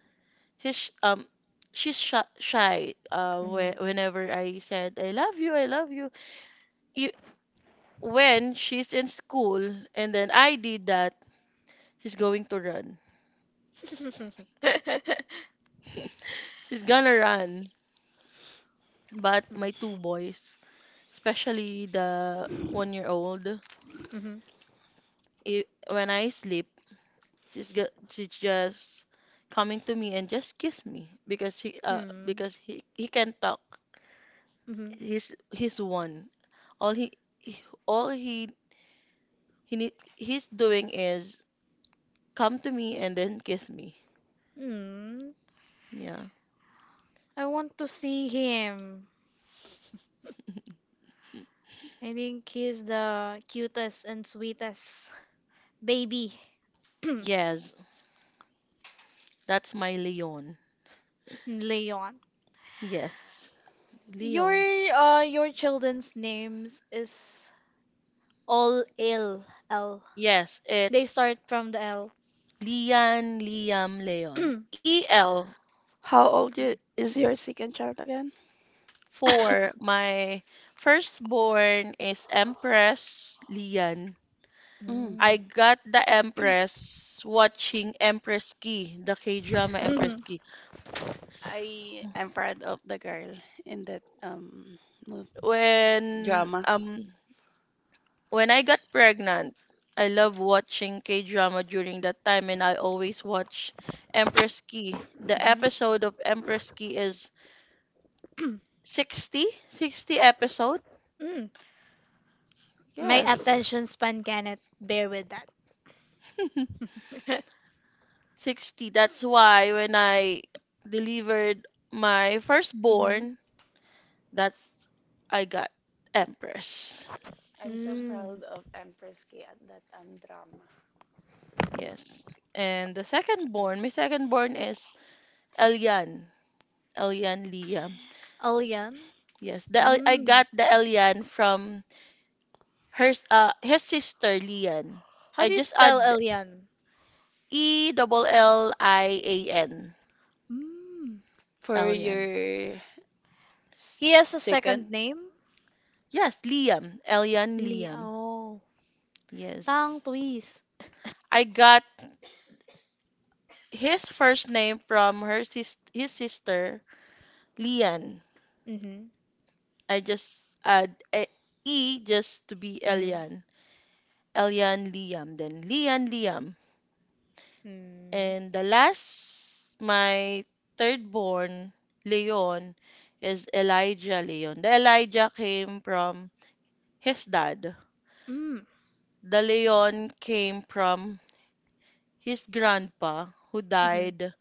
S3: his sh- um she's shy,
S1: Mm-hmm.
S3: whenever I said I love you, I love you. E- When she's in school, and then I did that, she's going to run. She's gonna run.
S1: *laughs*
S3: But my two boys, especially the 1-year-old old,
S1: Mm-hmm.
S3: I when I sleep, she's just coming to me and just kiss me because he
S1: Hmm.
S3: because he can talk.
S1: Mm-hmm.
S3: He's one. All he he- all he need, he's doing is come to me and then kiss me.
S1: Hmm.
S3: Yeah.
S1: I want to see him. I think he's the cutest and sweetest *laughs* baby. *clears throat*
S3: Yes, that's my Leon.
S1: Leon.
S3: Yes, Leon.
S1: Your children's names is all L L.
S3: Yes,
S1: They
S3: it's
S1: start from the L.
S3: Lian, Liam, Leon. EL
S2: How old you, is your second child again?
S3: for my firstborn is Empress Lian.
S2: Mm.
S3: I
S1: Mm.
S3: got the
S1: *laughs*
S3: Empress watching Empress Key, the K-drama Empress
S1: Mhm.
S3: Key.
S2: I am proud of the girl in that mov-
S3: When
S2: drama.
S3: um when I got pregnant, I love watching K-drama during that time, and I always watch Empress Key. The
S1: Mhm.
S3: episode of Empress Key is 60, 60 episode.
S1: Mm. My
S3: Yes.
S1: attention span cannot bear with that.
S3: *laughs*
S1: *laughs*
S3: 60. That's why when I delivered my
S1: Mm-hmm.
S3: firstborn, that's I got Empress.
S2: I'm so
S1: Mm.
S2: proud of Empress K at that drama.
S3: Yes. And my second born is Elian. Elian Liam.
S1: Elian?
S3: Yes, the El I
S1: Mm.
S3: got the Elian from his sister Lian.
S1: How
S3: I
S1: do you
S3: just
S1: spell
S3: add
S1: Elian?
S3: E double Lian.
S1: Mm.
S2: For
S3: Elian.
S2: your s-
S1: He has a
S2: Second,
S1: second name?
S3: Yes, Liam. Elian
S1: Li.
S3: Liam.
S1: Oh. Tang
S3: Yes.
S1: Twist.
S3: I got his first name from her sis his sister Lian.
S1: Mm-hmm.
S3: I just add E just to be
S1: Mm-hmm.
S3: Elian. Elian Liam, then Lian Liam.
S1: Mm.
S3: And the last, my third born, Leon, is Elijah Leon. The Elijah came from his dad.
S1: Mm.
S3: The Leon came from his grandpa who
S1: Mm-hmm.
S3: died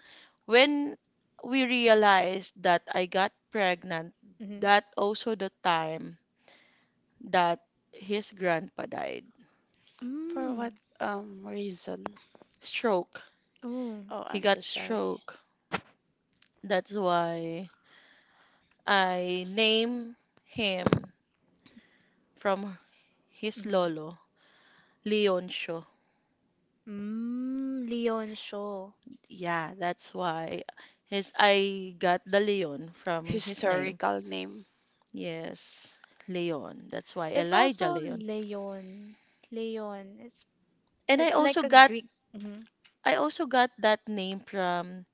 S3: when we realized that I got pregnant.
S1: Mm-hmm.
S3: That also the time that his grandpa died.
S2: for what
S1: Mm.
S2: reason?
S3: Stroke.
S1: Oh.
S2: Oh,
S3: He
S2: I'm so
S3: got
S2: sorry.
S3: stroke. That's why I name him from his
S1: Mm-hmm.
S3: lolo, Leoncio.
S1: Mm. Leon Shaw.
S3: Yeah, that's why his I got the Leon from his name.
S2: Historical name.
S3: Yes, Leon. That's why
S1: It's
S3: Elijah
S1: also
S3: Leon.
S1: Leon. Leon.
S3: And I
S1: It's like
S3: also
S1: a
S3: got
S1: Greek. Mhm.
S3: I also got that name from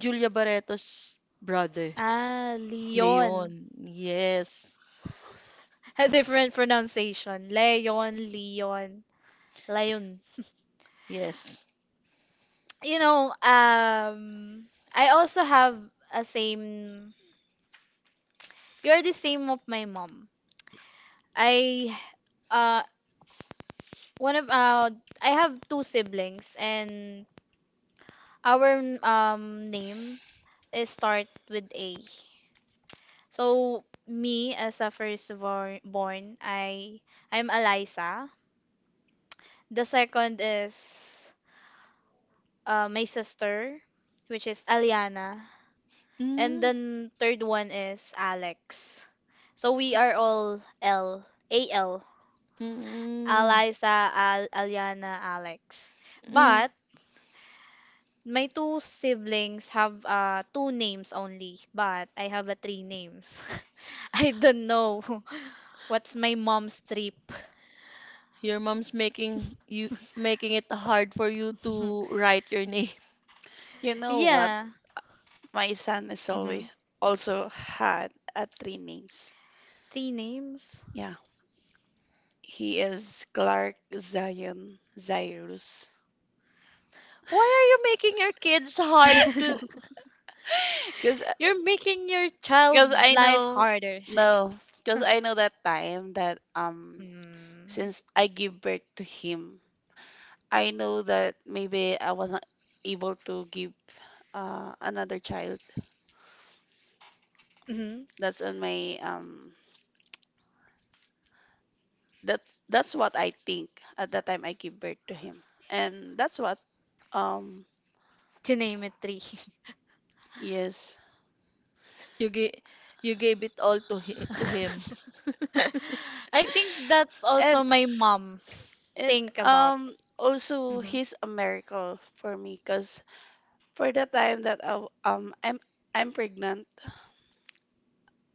S3: Julia Barreto's brother,
S1: Ah, Leon.
S3: Leon. Yes.
S1: *laughs* A different pronunciation. Leon, Leon, Leon.
S3: Yes.
S1: You know, I also have a same. You're the same of my mom. I, uh, one of I have two siblings, and our name is start with A. So me as a born, I'm Eliza. The second is my sister, which is Aliana, and
S3: Mm,
S1: then third one is Alex. So we are all LAL.
S3: mm,
S1: Eliza, Al, Aliana, Alex.
S3: mm, mm.
S1: But my two siblings have two names only, but I have a three names. *laughs* I don't know *laughs* what's my mom's trip.
S3: Your mom's making it hard for you to
S1: *laughs*
S3: write your name.
S2: You know what?
S1: Yeah.
S2: My son is
S1: Hmm.
S2: always also had three names.
S1: Tea names.
S2: Yeah, he is Clark Zion Cyrus.
S3: *laughs* Why are you making your kids hard to.
S1: *laughs*
S2: *laughs* Because
S1: You're making your
S2: Because *gasps*
S1: child
S2: I
S1: life
S2: know,
S1: harder.
S2: no,
S1: *laughs*
S2: because I know that time that
S1: Mm.
S2: since I give birth to him, I know that maybe I was not able to give another child.
S1: Mhm.
S2: That's on my that that's what I think at the time I give birth to him, and that's what um
S1: To name it three.
S2: yes,
S3: You gave you gave it all to him, to
S1: *laughs*
S3: him. *laughs*
S1: I think that's
S2: and
S1: also my mom
S2: it
S1: think about.
S2: also
S1: Hmm.
S2: he's a miracle for me because for the time that I'm pregnant,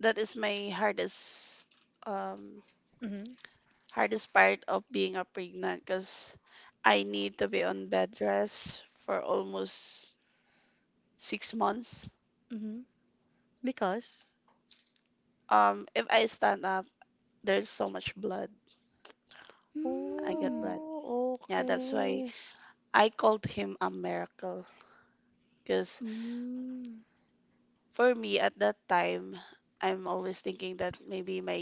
S2: that is my um hardest part of being a pregnant because I need to be on bed rest for almost 6 months.
S1: Hmm.
S3: Because,
S2: If I stand up, there's so much blood. I get
S1: Hmm.
S2: blood.
S3: oh
S2: Yeah, that's why
S3: okay.
S2: I called him a miracle because
S1: Mm.
S2: for me at that time, I'm always thinking that maybe my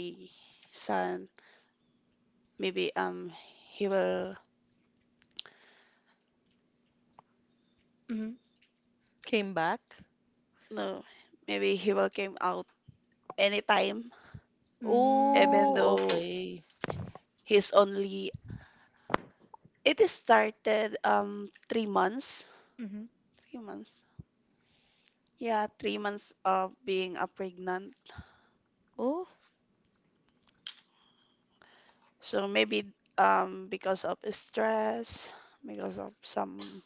S2: son, maybe he will
S1: Mm. Mhm.
S3: Came back.
S2: no, maybe he will came out anytime, even
S1: Mm.
S3: Oh
S2: though
S3: okay.
S2: he's only it is started 3 months,
S1: Mhm.
S2: three months, yeah, 3 months of being a pregnant.
S3: Oh,
S2: So maybe because of stress, because of some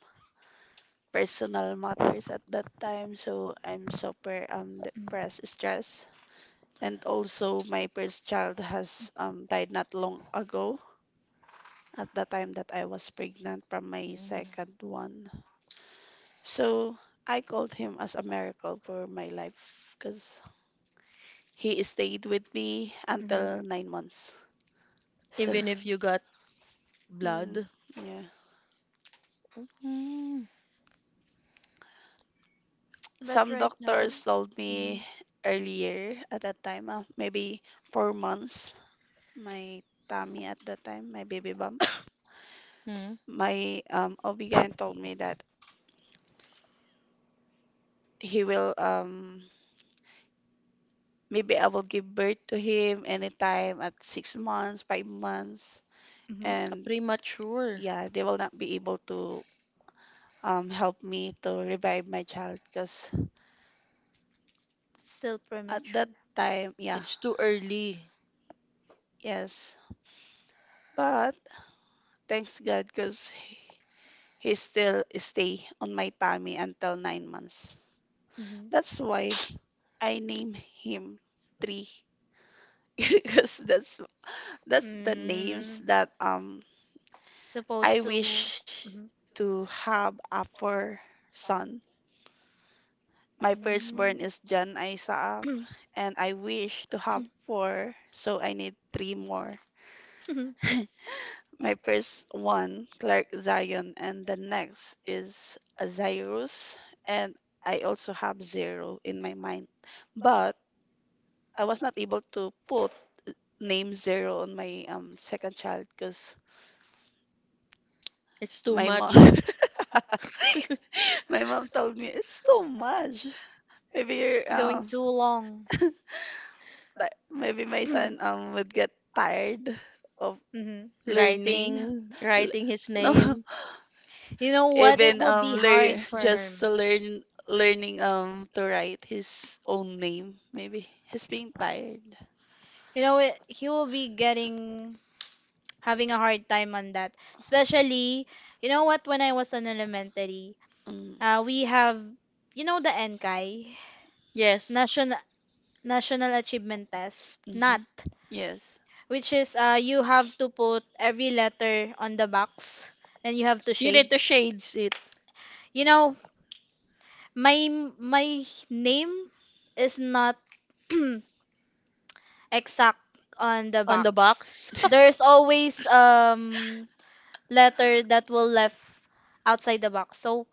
S2: personal matters at that time, so I'm super
S1: Mm.
S2: depressed, stressed and also my first child has died not long ago at the time that I was pregnant from my
S3: mm.
S2: second one. So I called him as a miracle for my life because he stayed with me
S1: Mm-hmm.
S2: until 9 months. So,
S3: Even if
S1: Mm.
S3: you got
S2: mm,
S3: blood.
S2: yeah.
S3: Mm.
S1: But
S2: Some
S1: right now,
S2: doctors told
S1: mm-hmm.
S2: me earlier at that time, maybe 4 months, my tummy at that time, my baby bump,
S3: Mm.
S2: my ob told me that he will maybe I will give birth to him anytime at 6 months, 5 months,
S1: Mm-hmm.
S3: A
S2: and
S3: premature.
S2: yeah, they will not be able to help me to revive my child because
S1: It's still
S2: at
S1: premature.
S2: that time, yeah,
S3: It's too early.
S2: yes. But thanks God because he still stay on my tummy until 9 months.
S1: Mm-hmm.
S2: That's why I name him Tree *laughs* because that's the names
S1: Mm.
S2: that
S1: Supposed
S2: I
S1: to.
S2: wish
S1: Mm-hmm.
S2: to have a four son. My firstborn
S1: Mm.
S2: is John Isaac,
S1: *clears throat*
S2: and I wish to have four, so I need three more. My first one, Clark Zion, and the next is Zyrus, and I also have zero in my mind. But I was not able to put name zero on my second child because
S3: It's too
S2: my mom
S3: much. *laughs*
S2: *laughs* my mom told me it's too much.
S1: *laughs*
S2: Maybe
S1: It's going too long.
S2: like maybe my son would get tired of
S1: Mm-hmm.
S2: learning.
S3: Writing,
S2: L-
S3: writing his
S2: No,
S3: name.
S1: You know
S2: *laughs*
S1: what? It
S2: even
S1: will be hard for him.
S2: learn learning to write his own name. Maybe he's being tired.
S1: You know, it, he will be getting having a hard time on that. Especially, you know what? When I was in elementary,
S2: Mm,
S1: we have you know the Enkai.
S3: Yes.
S1: National National Achievement Test,
S2: mhm.
S1: NAT,
S2: Yes.
S1: which is you have to put every letter on the box and you have to
S3: You need
S1: shade.
S3: to shades it
S1: You know, my my name is not *clears throat* exact on the
S3: on the
S1: box.
S3: box. *laughs*
S1: There's
S2: *laughs*
S1: always letter that will left outside the box. So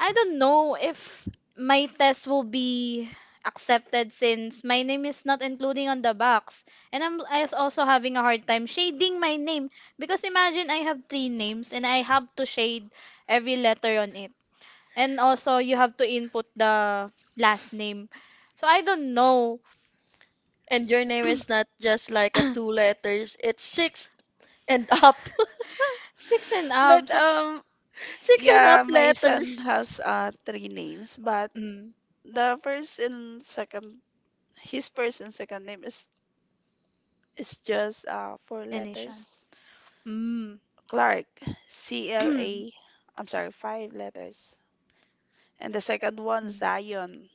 S1: I don't know if my test will be accepted since my name is not including on the box and I was also having a hard time shading my name because imagine I have three names and I have to shade every letter on it and also you have to input the last name so I don't know
S3: And your name is not just like a two letters, it's six and up. *laughs*
S1: six and up
S2: But
S1: so
S3: Six and up
S2: yeah, my son
S3: letters.
S2: has three names, but
S1: mm,
S2: the first and second his first and second name is it's just four
S1: Anishan.
S2: letters.
S1: Mm.
S2: Clark, C L A.
S1: *clears throat*
S2: I'm sorry, five letters. And the second one,
S1: Mm.
S2: Zion,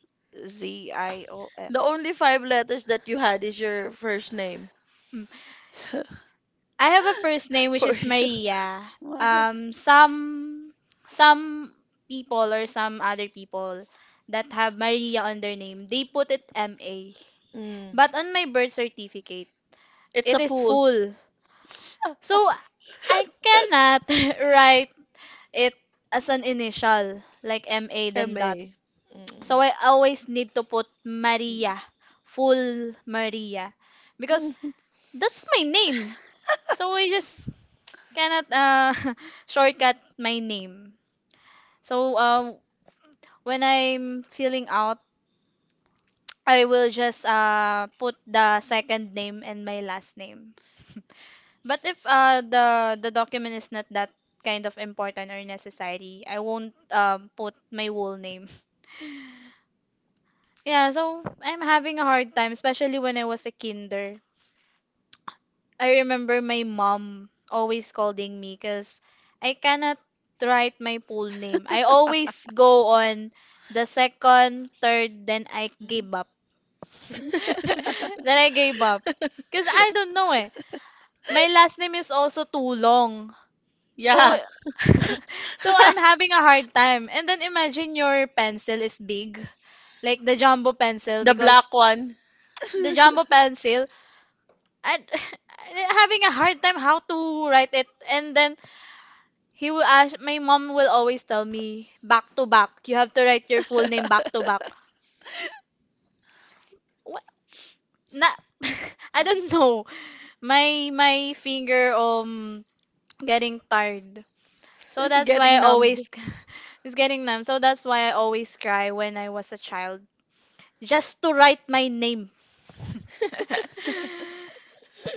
S2: Z I O
S3: The
S2: N.
S3: only five letters that you had is your first name.
S1: Mm.
S2: So,
S1: I have a first name
S2: *laughs*
S1: which
S2: for
S1: is
S2: you.
S1: Maria.
S2: Why?
S1: um some some people or some other people that have Maria on their name, they put it MA.
S3: Mm.
S1: But on my birth certificate,
S3: It's a
S1: it is
S3: pool.
S1: full. So I cannot *laughs* write it as an initial like MA then dot.
S3: MA. Mm.
S1: So I always need to put Maria, full Maria because that's my name. So I just cannot *laughs* shortcut my name. So when I'm filling out, I will just put the second name and my last name. *laughs* But if the document is not that kind of important or necessary, I won't put my whole name. *laughs* Yeah, so I'm having a hard time, especially when I was a kinder. I remember my mom always scolding me because I cannot write my full name. I always go on the second, third, then I
S2: Mm.
S1: give up. *laughs* Then I gave up.
S3: *laughs*
S1: Because I don't know eh. My last name is also too long. So,
S3: Yeah.
S1: *laughs* so I'm having a hard
S3: *laughs*
S1: time. And then imagine your pencil is big. Like the jumbo pencil
S3: The
S1: because
S3: black one
S1: the jumbo pencil, I, *laughs* am having a hard time how to write it. And then he will ask, my mom will always tell me, back to back. You have to write your full name back to back. What? Na, *laughs* I don't know. My finger getting tired. So
S3: *laughs*
S1: that's why
S3: getting
S1: I
S3: numbed.
S1: always *laughs* it's getting numb. So that's why I always cry when I was a child, just to write my name.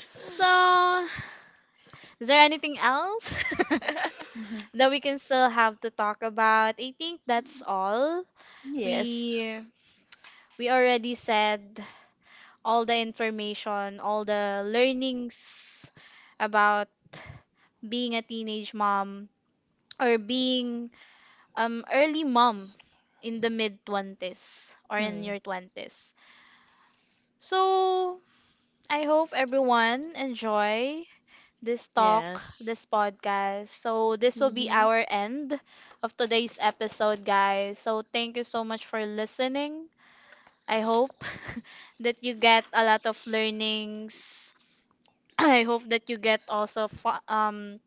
S1: *laughs* So, is there anything else *laughs* that we can still have to talk about? I think that's
S2: *laughs*
S1: all.
S3: Yes.
S1: We we already said all the information, all the learnings about being a teenage mom or being early mom in the mid 20s or in
S3: Hmm.
S1: your 20s. So, I hope everyone enjoy this talk,
S3: Yes.
S1: this podcast. So, this will be
S3: Hmm.
S1: our end of today's episode, guys. So, thank you so much for listening. I hope *laughs* that you get a lot of learnings. *clears throat* I hope that you get also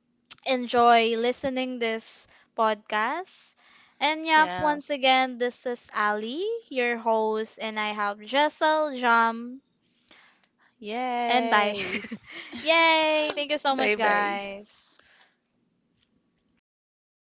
S1: enjoy listening this podcast. And yep,
S3: Yeah.
S1: once again, this is Ali, your host, and I have Jessel, Jam, and bye.
S3: Yay.
S1: *laughs* Yay! Thank you so
S2: Bye
S1: much,
S2: bye.
S1: guys.